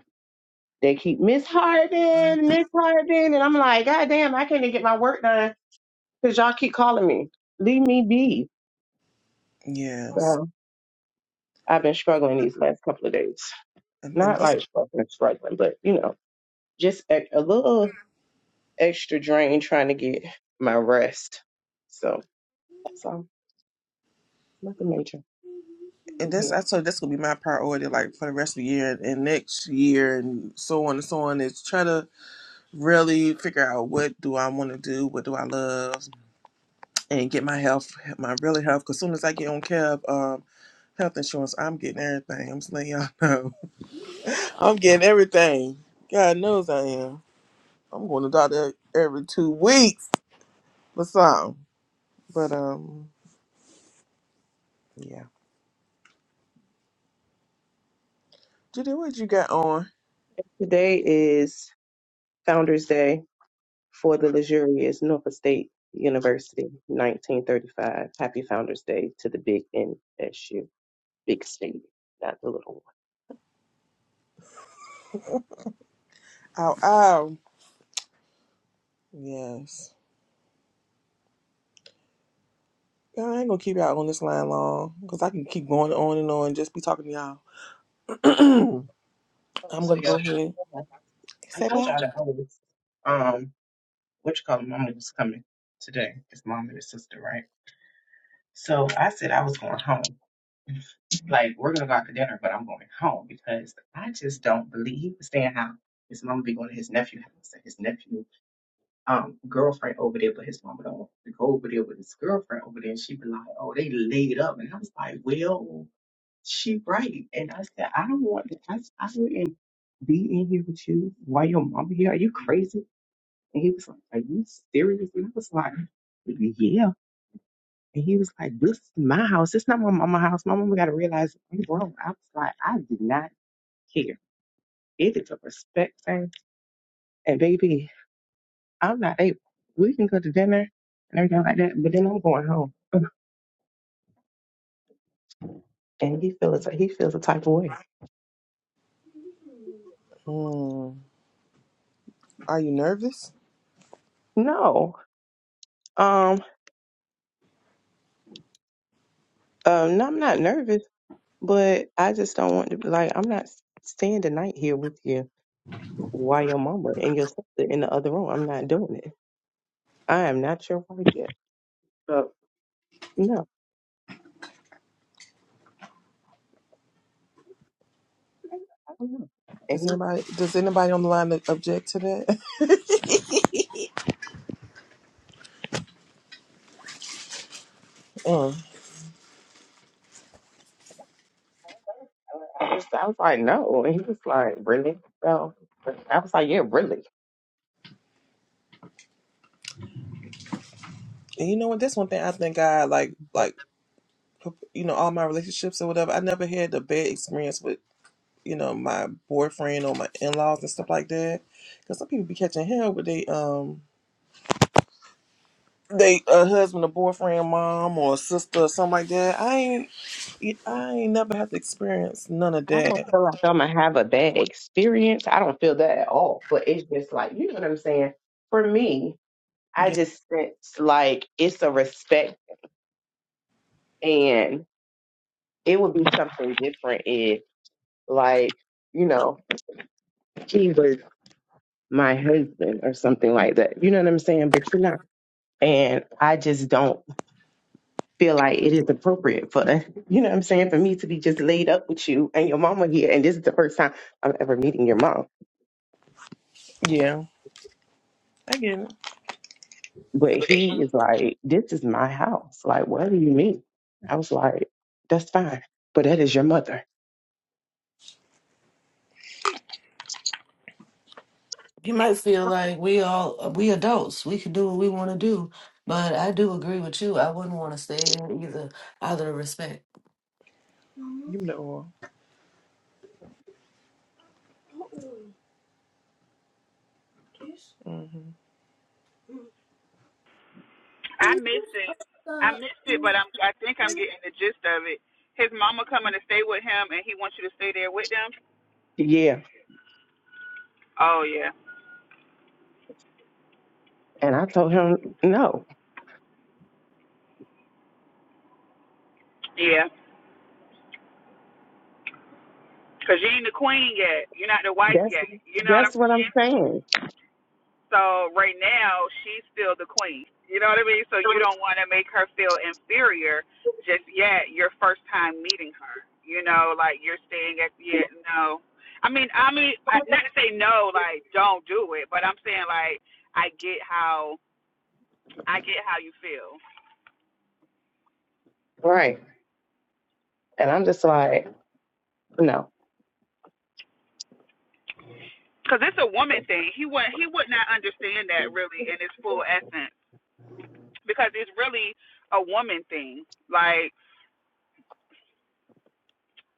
S5: They keep Miss Harden, Miss Harden, and I'm like, God damn, I can't even get my work done because y'all keep calling me. Leave me be.
S2: yes.
S5: So I've been struggling these last couple of days.
S2: And, and
S5: Not
S2: this,
S5: like struggling, struggling, but you know, just a, a little extra drain trying to get my rest. So that's all. Nothing major in
S2: and this,
S5: here.
S2: I told you, that's gonna be my priority, like for the rest of the year and next year, and so on and so on. Is try to really figure out what do I want to do, what do I love, and get my health, my really health. Because soon as I get on Kev um, health insurance, I'm getting everything. I'm just letting y'all know. I'm getting everything. God knows I am. I'm going to doctor every two weeks or something. But um, yeah. Judy, what you got on?
S5: Today is Founders Day for the luxurious Norfolk State University, 1935. Happy Founders Day to the big NSU. big snake, not the little one.
S2: Ow, ow. Yes. Y'all, I ain't gonna keep y'all on this line long because I can keep going on and on and just be talking to y'all. I'm
S5: Oh, so
S2: gonna go
S5: y'all,
S2: ahead.
S5: hold on. I
S2: Say
S5: told
S2: bye.
S5: y'all that I was, um, what you call it, mama was coming today. It's mom and his sister, right? So I said I was going home. Like, we're gonna go out to dinner, but I'm going home because I just don't believe he was saying how his mama be going to his nephew's house and his nephew um girlfriend over there, but his mama don't want him to go over there with his girlfriend over there. And she be like, oh, they laid up. And I was like, well, she right. And I said, I don't want that. I, I wouldn't be in here with you while your mama here. Are you crazy? And he was like, are you serious? And I was like, yeah. And he was like, this is my house. It's not my mama's house. My mama got to realize I'm grown. I was like, I did not care. It is a respect thing. And baby, I'm not able. We can go to dinner and everything like that, but then I'm going home. And he feels he feels a type of way.
S2: Hmm. Are you nervous?
S5: No, um, um, no, I'm not nervous, but I just don't want to. Like, I'm not staying the night here with you while your mama and your sister in the other room. I'm not doing it. I am not your wife yet. So no, I don't know. And
S2: Does
S5: he, was-
S2: anybody does anybody on the line object to that? Mm.
S5: I was, I was like, no, and he was like, really? So I was like, yeah, really.
S2: And you know what? That's one thing I think I like like you know all my relationships or whatever. I never had a bad experience with you know my boyfriend or my in laws and stuff like that. Because some people be catching hell with they um they a husband, a boyfriend, mom or sister or something like that. I ain't I ain't never had to experience none of
S5: I don't
S2: that.
S5: feel like I'm gonna have a bad experience. I don't feel that at all. But it's just like, you know what I'm saying? For me, I
S2: Yeah,
S5: just sense like it's a respect and it would be something different if like, you know, he was my husband or something like that. You know what I'm saying? But you're not. And I just don't feel like it is appropriate for you know what I'm saying, for me to be just laid up with you and your mama here and this is the first time I'm ever meeting your mom.
S2: yeah. I get it.
S5: But he is like, This is my house. Like, what do you mean? I was like, That's fine, but that is your mother.
S4: You might feel like we all we adults, we can do what we want to do, but I do agree with you. I wouldn't want to stay in either out of respect.
S2: Give me the oil.
S1: I missed it. I missed it, but I'm. I think I'm getting the gist of it. His mama coming to stay with him, and he wants you to stay there with them.
S5: Yeah.
S1: Oh yeah,
S5: And I told him, No,
S1: yeah. Cause you ain't the queen yet. You're not the wife
S5: that's
S1: yet. You know what
S5: that's
S1: I'm
S5: what
S1: saying?
S5: I'm saying.
S1: So right now, she's still the queen. You know what I mean? So you don't want to make her feel inferior just yet. Your first time meeting her, you know, like you're staying at yet no. I mean, I mean, uh, not to say no, like don't do it, but I'm saying like I get how I get how you feel
S5: Right. And I'm just like, No.
S1: because it's a woman thing. He would he would not understand that really in its full essence because it's really a woman thing. Like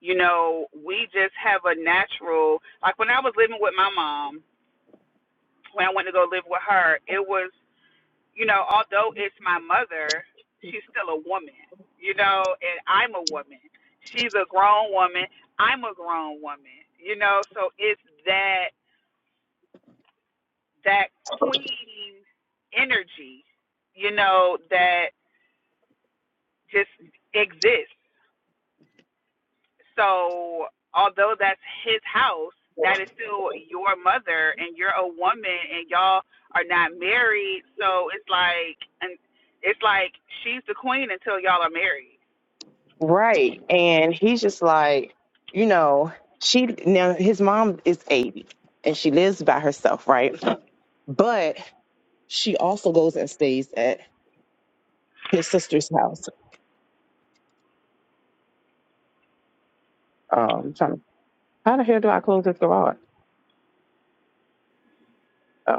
S1: you know, we just have a natural like when I was living with my mom, when I went to go live with her, it was, you know, although it's my mother, she's still a woman, you know, and I'm a woman. She's a grown woman, I'm a grown woman. You know, so it's that that queen energy, you know, that just exists. So, although that's his house, that is still your mother, and you're a woman, and y'all are not married. So it's like, and it's like she's the queen until y'all are married.
S5: Right. And he's just like, you know, she now his mom is 80 and she lives by herself, right? But she also goes and stays at his sister's house. Um trying to, how the hell do I close this garage? Oh,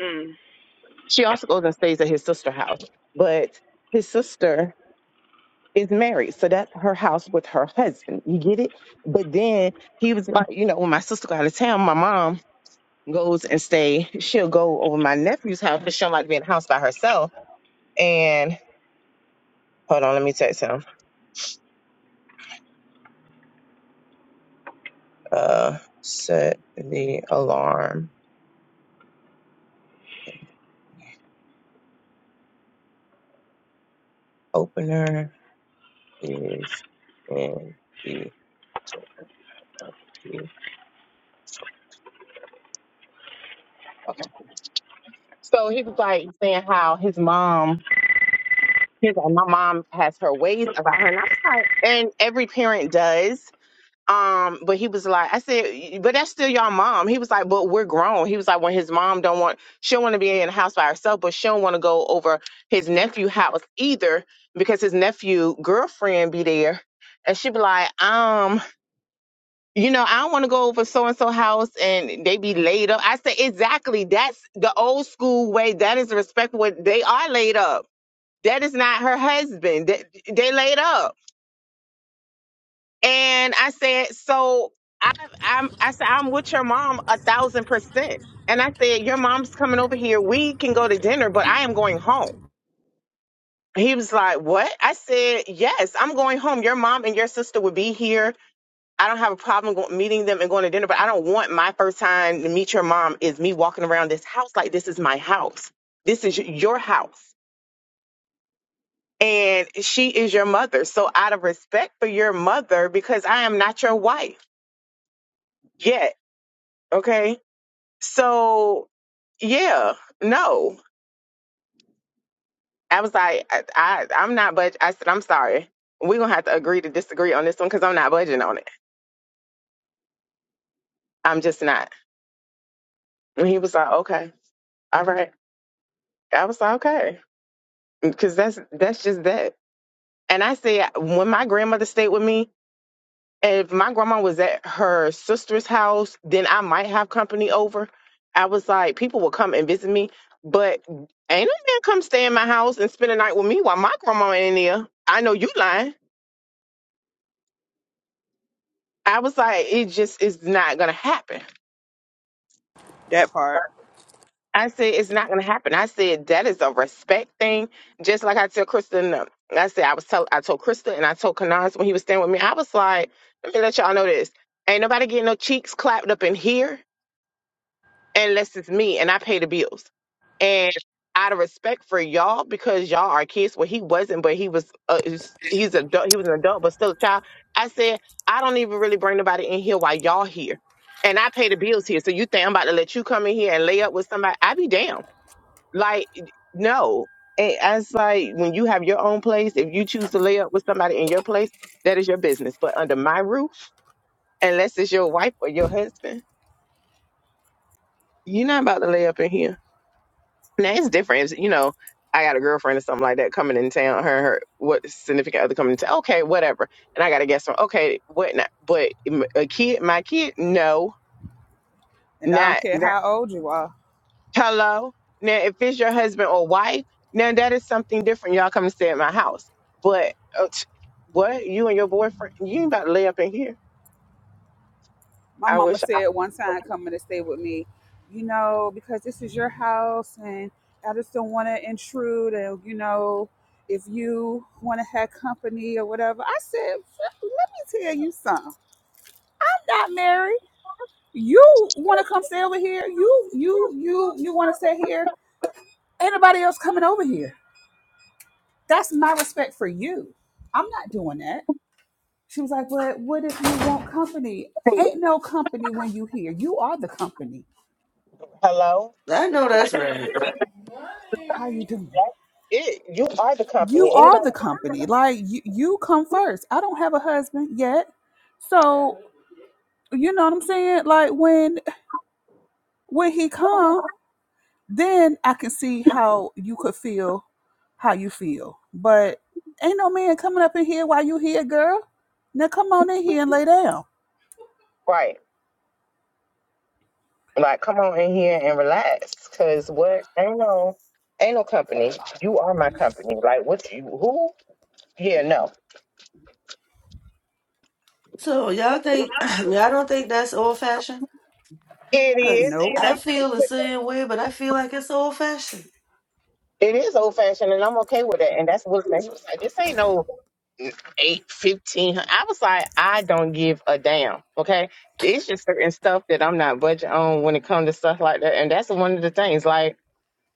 S1: Mm.
S5: She also goes and stays at his sister's house, but his sister is married, so that's her house with her husband. You get it? But then he was like, you know, when my sister go out of town, my mom goes and stay. She'll go over my nephew's house because she don't like being in the house by herself. And hold on, let me text him. Uh, set the alarm. Opener is in the door of the truck. So he was like saying how his mom, his my mom has her ways about her, and I was like, and every parent does. Um, but he was like, I said, but that's still your mom. He was like, but we're grown. He was like, when his mom don't want, she don't want to be in the house by herself, but she don't want to go over his nephew house either because his nephew girlfriend be there, and she be like, um you know, I don't want to go over so and so house and they be laid up. I say exactly. That's the old school way. That is respectful. They are laid up. That is not her husband. They, they laid up. And I said, so I, I'm. I said I'm with your mom a thousand percent. And I said, your mom's coming over here. We can go to dinner, but I am going home. He was like, what? I said, yes, I'm going home. Your mom and your sister would be here I don't have a problem go- meeting them and going to dinner, but I don't want my first time to meet your mom is me walking around this house like this is my house. This is your house. And she is your mother. So out of respect for your mother, because I am not your wife yet. Okay. So yeah, no. I was like, I, I I'm not budge I said, I'm sorry. We're gonna have to agree to disagree on this one because I'm not budging on it. I'm just not. And he was like, Okay, all right. I was like, okay, because that's that's just that. And I say, when my grandmother stayed with me, if my grandma was at her sister's house, then I might have company over. I was like, people will come and visit me, but ain't a man come stay in my house and spend a night with me while my grandma ain't there. I know you lying. I was like, it just is not gonna happen.
S1: That part.
S5: I said it's not gonna happen. I said that is a respect thing. Just like I tell Krista, and them. I said I was tell I told Krista and I told Kanaz when he was staying with me. I was like, let me let y'all know this. Ain't nobody getting no cheeks clapped up in here unless it's me and I pay the bills. And out of respect for y'all, because y'all are kids, well he wasn't, but he was. Uh, he's he's adult. He was an adult, but still a child. I said I don't even really bring nobody in here while y'all here, and I pay the bills here. So you think I'm about to let you come in here and lay up with somebody? I be damned. Like, no. And As like when you have your own place, if you choose to lay up with somebody in your place, that is your business. But under my roof, unless it's your wife or your husband, you're not about to lay up in here. Now it's different. If, you know, I got a girlfriend or something like that coming in town. Her, her, what significant other coming in town? Okay, whatever. And I got to guess from okay, what not? But m- a kid, my kid, no,
S1: And I don't
S5: not.
S1: care how old you are.
S5: Hello. Now, if it's your husband or wife, now that is something different. Y'all come and stay at my house. But uh, t- what? You and your boyfriend? You ain't about to lay up in here.
S1: My
S5: I
S1: mama
S5: wish.
S1: said
S5: I,
S1: one time coming to stay with me, you know, because this is your house and I just don't want to intrude. And, you know, if you want to have company or whatever, I said, let me tell you something. I'm not married. You want to come stay over here? You you you you want to stay here? Ain't nobody else coming over here. That's my respect for you. I'm not doing that. She was like, but what if you want company? Ain't no company when you here. You are the company.
S5: hello.
S4: I know that's right.
S1: How you doing?
S5: It. You are the
S1: You
S5: company.
S1: are
S5: Anybody?
S1: the company. Like you, you come first. I don't have a husband yet, so you know what I'm saying. Like when when he come. then I can see how you could feel how you feel. But ain't no man coming up in here while you here, girl. Now come on in here and lay down.
S5: Right. Like, come on in here and relax. Cause what? Ain't no. Ain't no company. You are my company. Like, what? You who? Yeah. No.
S4: So y'all think y'all don't think that's old fashioned?
S5: It is,
S4: Cause
S1: Nope.
S5: and
S4: I
S5: I'm.
S4: feel the same way, but I feel like it's old fashioned.
S5: It is old fashioned, and I'm okay with it. And that's what. she was like. This ain't no. eight, fifteen hundred. I was like, I don't give a damn. Okay. It's just certain stuff that I'm not budget on when it comes to stuff like that. And that's one of the things. Like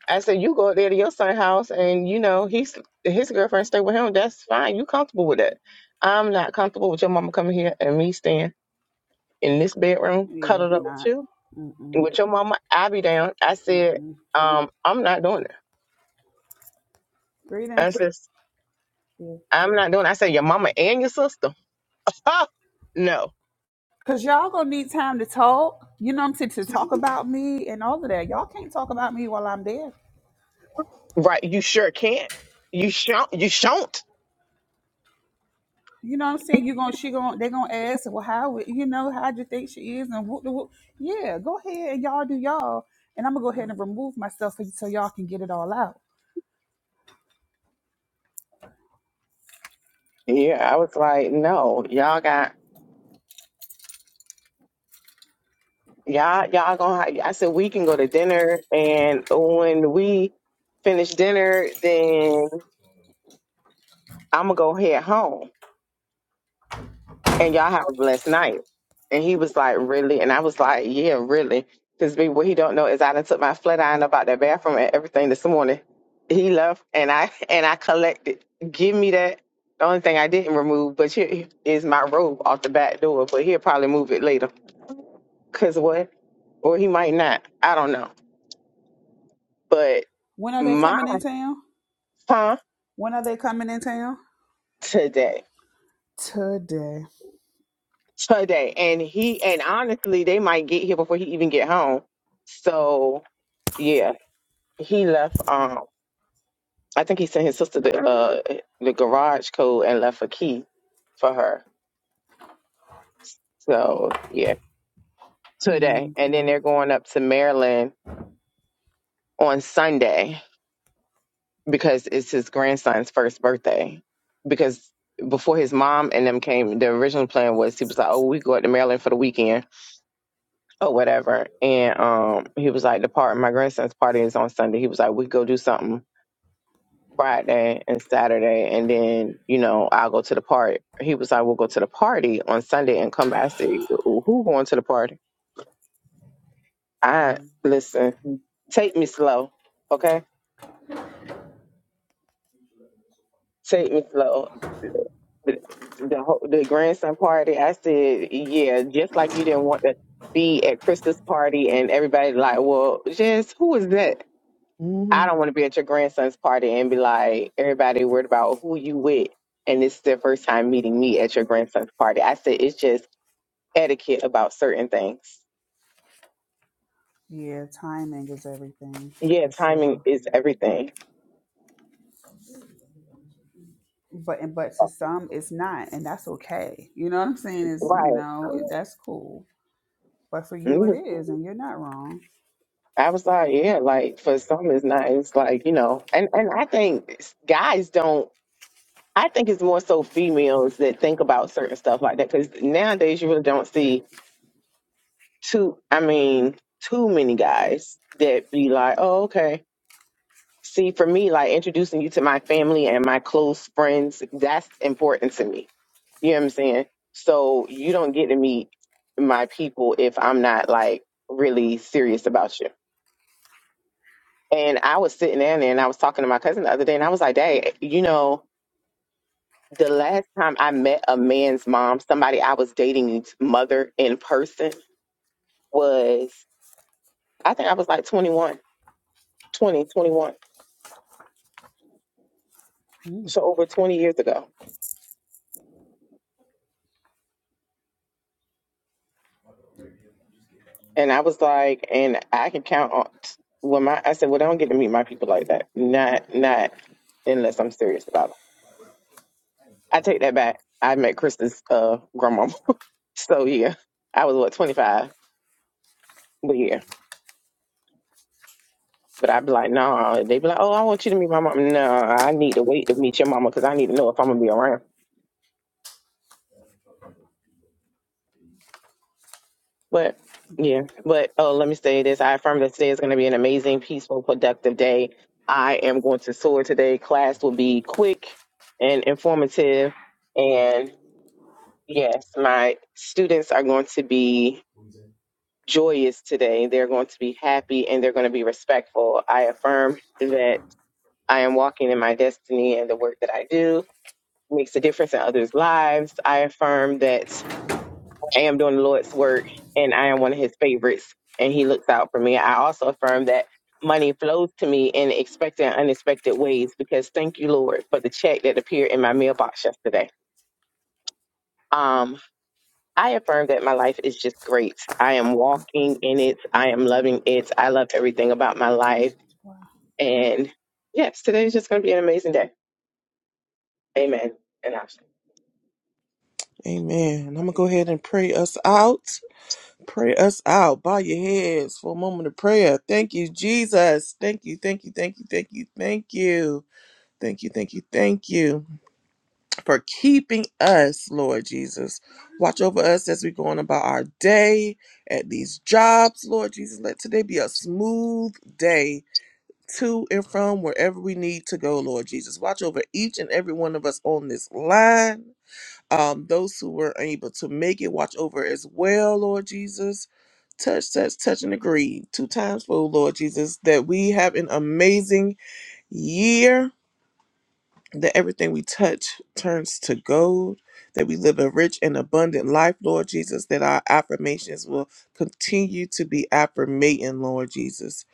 S5: I said, you go up there to your son's house and you know, he's his girlfriend stay with him. That's fine. You comfortable with that. I'm not comfortable with your mama coming here and me staying in this bedroom,
S1: Yeah,
S5: cuddled up with
S1: not.
S5: you. And
S1: Mm-mm.
S5: with your mama, I be down. I said,
S1: Mm-mm.
S5: um, I'm not doing that.
S1: Greetings.
S5: I said,
S1: Yeah.
S5: I'm not doing it. I said, your mama and your sister. no.
S1: Cause y'all gonna need time to talk. You know what I'm saying? To talk about me and all of that. Y'all can't talk about me while I'm there.
S5: Right. You sure can't. You shan't. You shan't.
S1: You know what I'm saying? You're gonna she gonna they're gonna ask, well, how you know how do you think she is? And whoop, whoop. yeah, go ahead and y'all do y'all, and I'm gonna go ahead and remove myself so, so y'all can get it all out.
S5: Yeah, I was like, no, y'all got y'all y'all gonna. Ha-. I said we can go to dinner, and when we finish dinner, then I'm gonna go head home. and y'all have a blessed night. And he was like, really? And I was like, yeah, really. Because what he don't know is I done took my flat iron up out that bathroom and everything this morning. He left and I and I collected. Give me that. The only thing I didn't remove, but here is my robe off the back door. But he'll probably move it later. Cause what? Or he might not. I don't know. But
S1: When are they
S5: my
S1: coming in town?
S5: huh
S1: When are they coming in town?
S5: today,
S1: Today.
S5: today, and he and honestly, they might get here before he even get home. So yeah he left um I think he sent his sister the uh the garage code and left a key for her. So yeah, today.
S1: hmm
S5: And then they're going up to Maryland on Sunday because it's his grandson's first birthday. Because before his mom and them came, the original plan was he was like, Oh, we go up to Maryland for the weekend or whatever. And um he was like, The part my grandson's party is on Sunday. He was like, We go do something Friday and Saturday, and then you know I'll go to the party. He was like, "We'll go to the party on Sunday and come back." I said, "Who going to the party?" I listen. Take me slow, okay? Take me slow. The the, whole, the grandson party. I said, "Yeah, just like you didn't want to be at Krista's party, and everybody like, well, Jess, who is that?"
S2: Mm-hmm.
S5: I don't want to be at your grandson's party and be like, everybody worried about who you with. And this is their first time meeting me at your grandson's party. I said, it's just etiquette about certain things.
S1: Yeah, timing is everything
S5: Yeah,
S1: for
S5: timing
S1: sure.
S5: is everything.
S1: But and but to some, it's not, and that's okay. You know what I'm saying? Is you
S5: Right.
S1: know that's cool. But for you, it
S5: Mhm.
S1: is, and you're not wrong.
S5: I was like, yeah, like for some it's not. It's like, you know, and, and I think s- guys don't, I think it's more so females that think about certain stuff like that. Cause nowadays you really don't see too, I mean, too many guys that be like, oh, okay. See, for me, like introducing you to my family and my close friends, that's important to me. You know what I'm saying? So you don't get to meet my people if I'm not like really serious about you. And I was sitting down there and I was talking to my cousin the other day and I was like, Dad, you know, the last time I met a man's mom, somebody I was dating's mother in person was, I think I was like 21, 20, 21.
S1: Mm.
S5: So over 20 years ago. And I was like, and I can count on when my I said, well, I don't get to meet my people like that. Not not unless I'm serious about them. I take that back. I met Krista's uh grandma. So yeah, I was what 25, but yeah. But I'd be like, no. Nah. They be like, oh, I want you to meet my mom. No, I need to wait to meet your mama because I need to know if I'm gonna be around. But yeah, but oh, let me say this. I affirm that today is going to be an amazing, peaceful, productive day. I am going to soar today. Class will be quick and informative. And yes, my students are going to be joyous today. They're going to be happy and they're going to be respectful. I affirm that I am walking in my destiny and the work that I do makes a difference in others' lives. I affirm that I am doing the Lord's work and I am one of his favorites and he looks out for me. I also affirm that money flows to me in expected and unexpected ways because thank you, Lord, for the check that appeared in my mailbox yesterday. Um, I affirm that my life is just great. I am walking in it. I am loving it. I love everything about my life.
S1: Wow.
S5: And yes, today is just going to be an amazing day. Amen. And I'm
S2: Amen. I'm going to go ahead and pray us out. Pray us out. Bow your heads for a moment of prayer. Thank you, Jesus. Thank you, thank you, thank you, thank you, thank you. Thank you, thank you, thank you for keeping us, Lord Jesus. Watch over us as we go on about our day at these jobs, Lord Jesus. Let today be a smooth day to and from wherever we need to go, Lord Jesus. Watch over each and every one of us on this line um, those who were unable to make it watch over as well, Lord Jesus. Touch, touch, touch, and agree two times for Lord Jesus that we have an amazing year, that everything we touch turns to gold, that we live a rich and abundant life, Lord Jesus, that our affirmations will continue to be affirmating, Lord Jesus.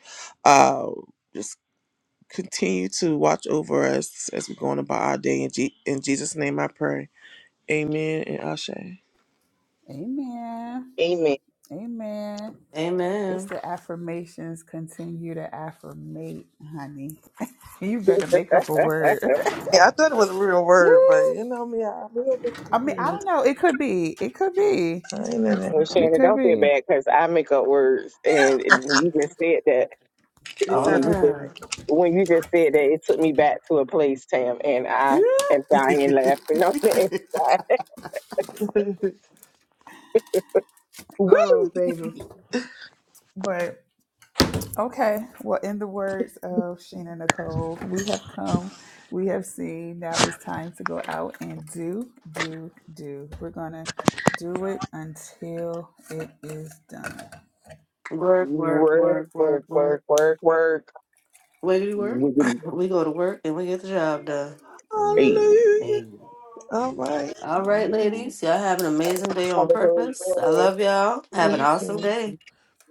S2: Uh, just continue to watch over us as we go on about our day. In, G- in Jesus' name I pray. Amen and Ashe.
S1: Amen.
S5: Amen.
S1: Amen. It's
S4: Amen.
S1: the affirmations. Continue to affirmate, honey. You better make up a word.
S2: Yeah, I thought it was a real word, but
S1: Yeah.
S2: you know me, I real
S1: I mean, I
S2: word.
S1: don't know. It could be. It could be.
S2: I ain't in it.
S5: Well,
S1: It
S5: Shannon,
S1: could
S5: don't feel
S1: be.
S5: bad because I make up words, and you just said that
S2: It
S4: All the
S5: when you
S2: sound
S5: just
S4: time.
S2: right.
S5: when you just said that, it took me back to a place, Tam, and I am
S1: Yeah.
S5: dying laughing on the inside.
S1: oh,
S5: Woo!
S1: baby. But okay. Well, in the words of Sheena Nicole, we have come, we have seen. Now it's time to go out and do, do, do. We're going to do it until it is done.
S4: Work, work,
S5: Work,
S4: work, work,
S5: work, work,
S4: work.
S5: work, work.
S4: Wiggity work.
S5: We can
S4: We go to work and we get the job
S5: eat.
S1: Hey,
S2: Hallelujah.
S4: done.
S2: All right.
S4: All right,
S1: amen.
S4: ladies. Y'all have an amazing day on purpose. I love y'all. Have an awesome
S2: Listen.
S4: day.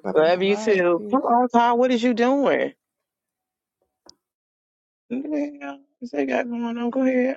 S2: Bye bye.
S1: All
S5: Love you
S1: right,
S5: too. Come
S1: peace.
S5: on, Todd. What is you doing? What the hell is they got going on? Go ahead.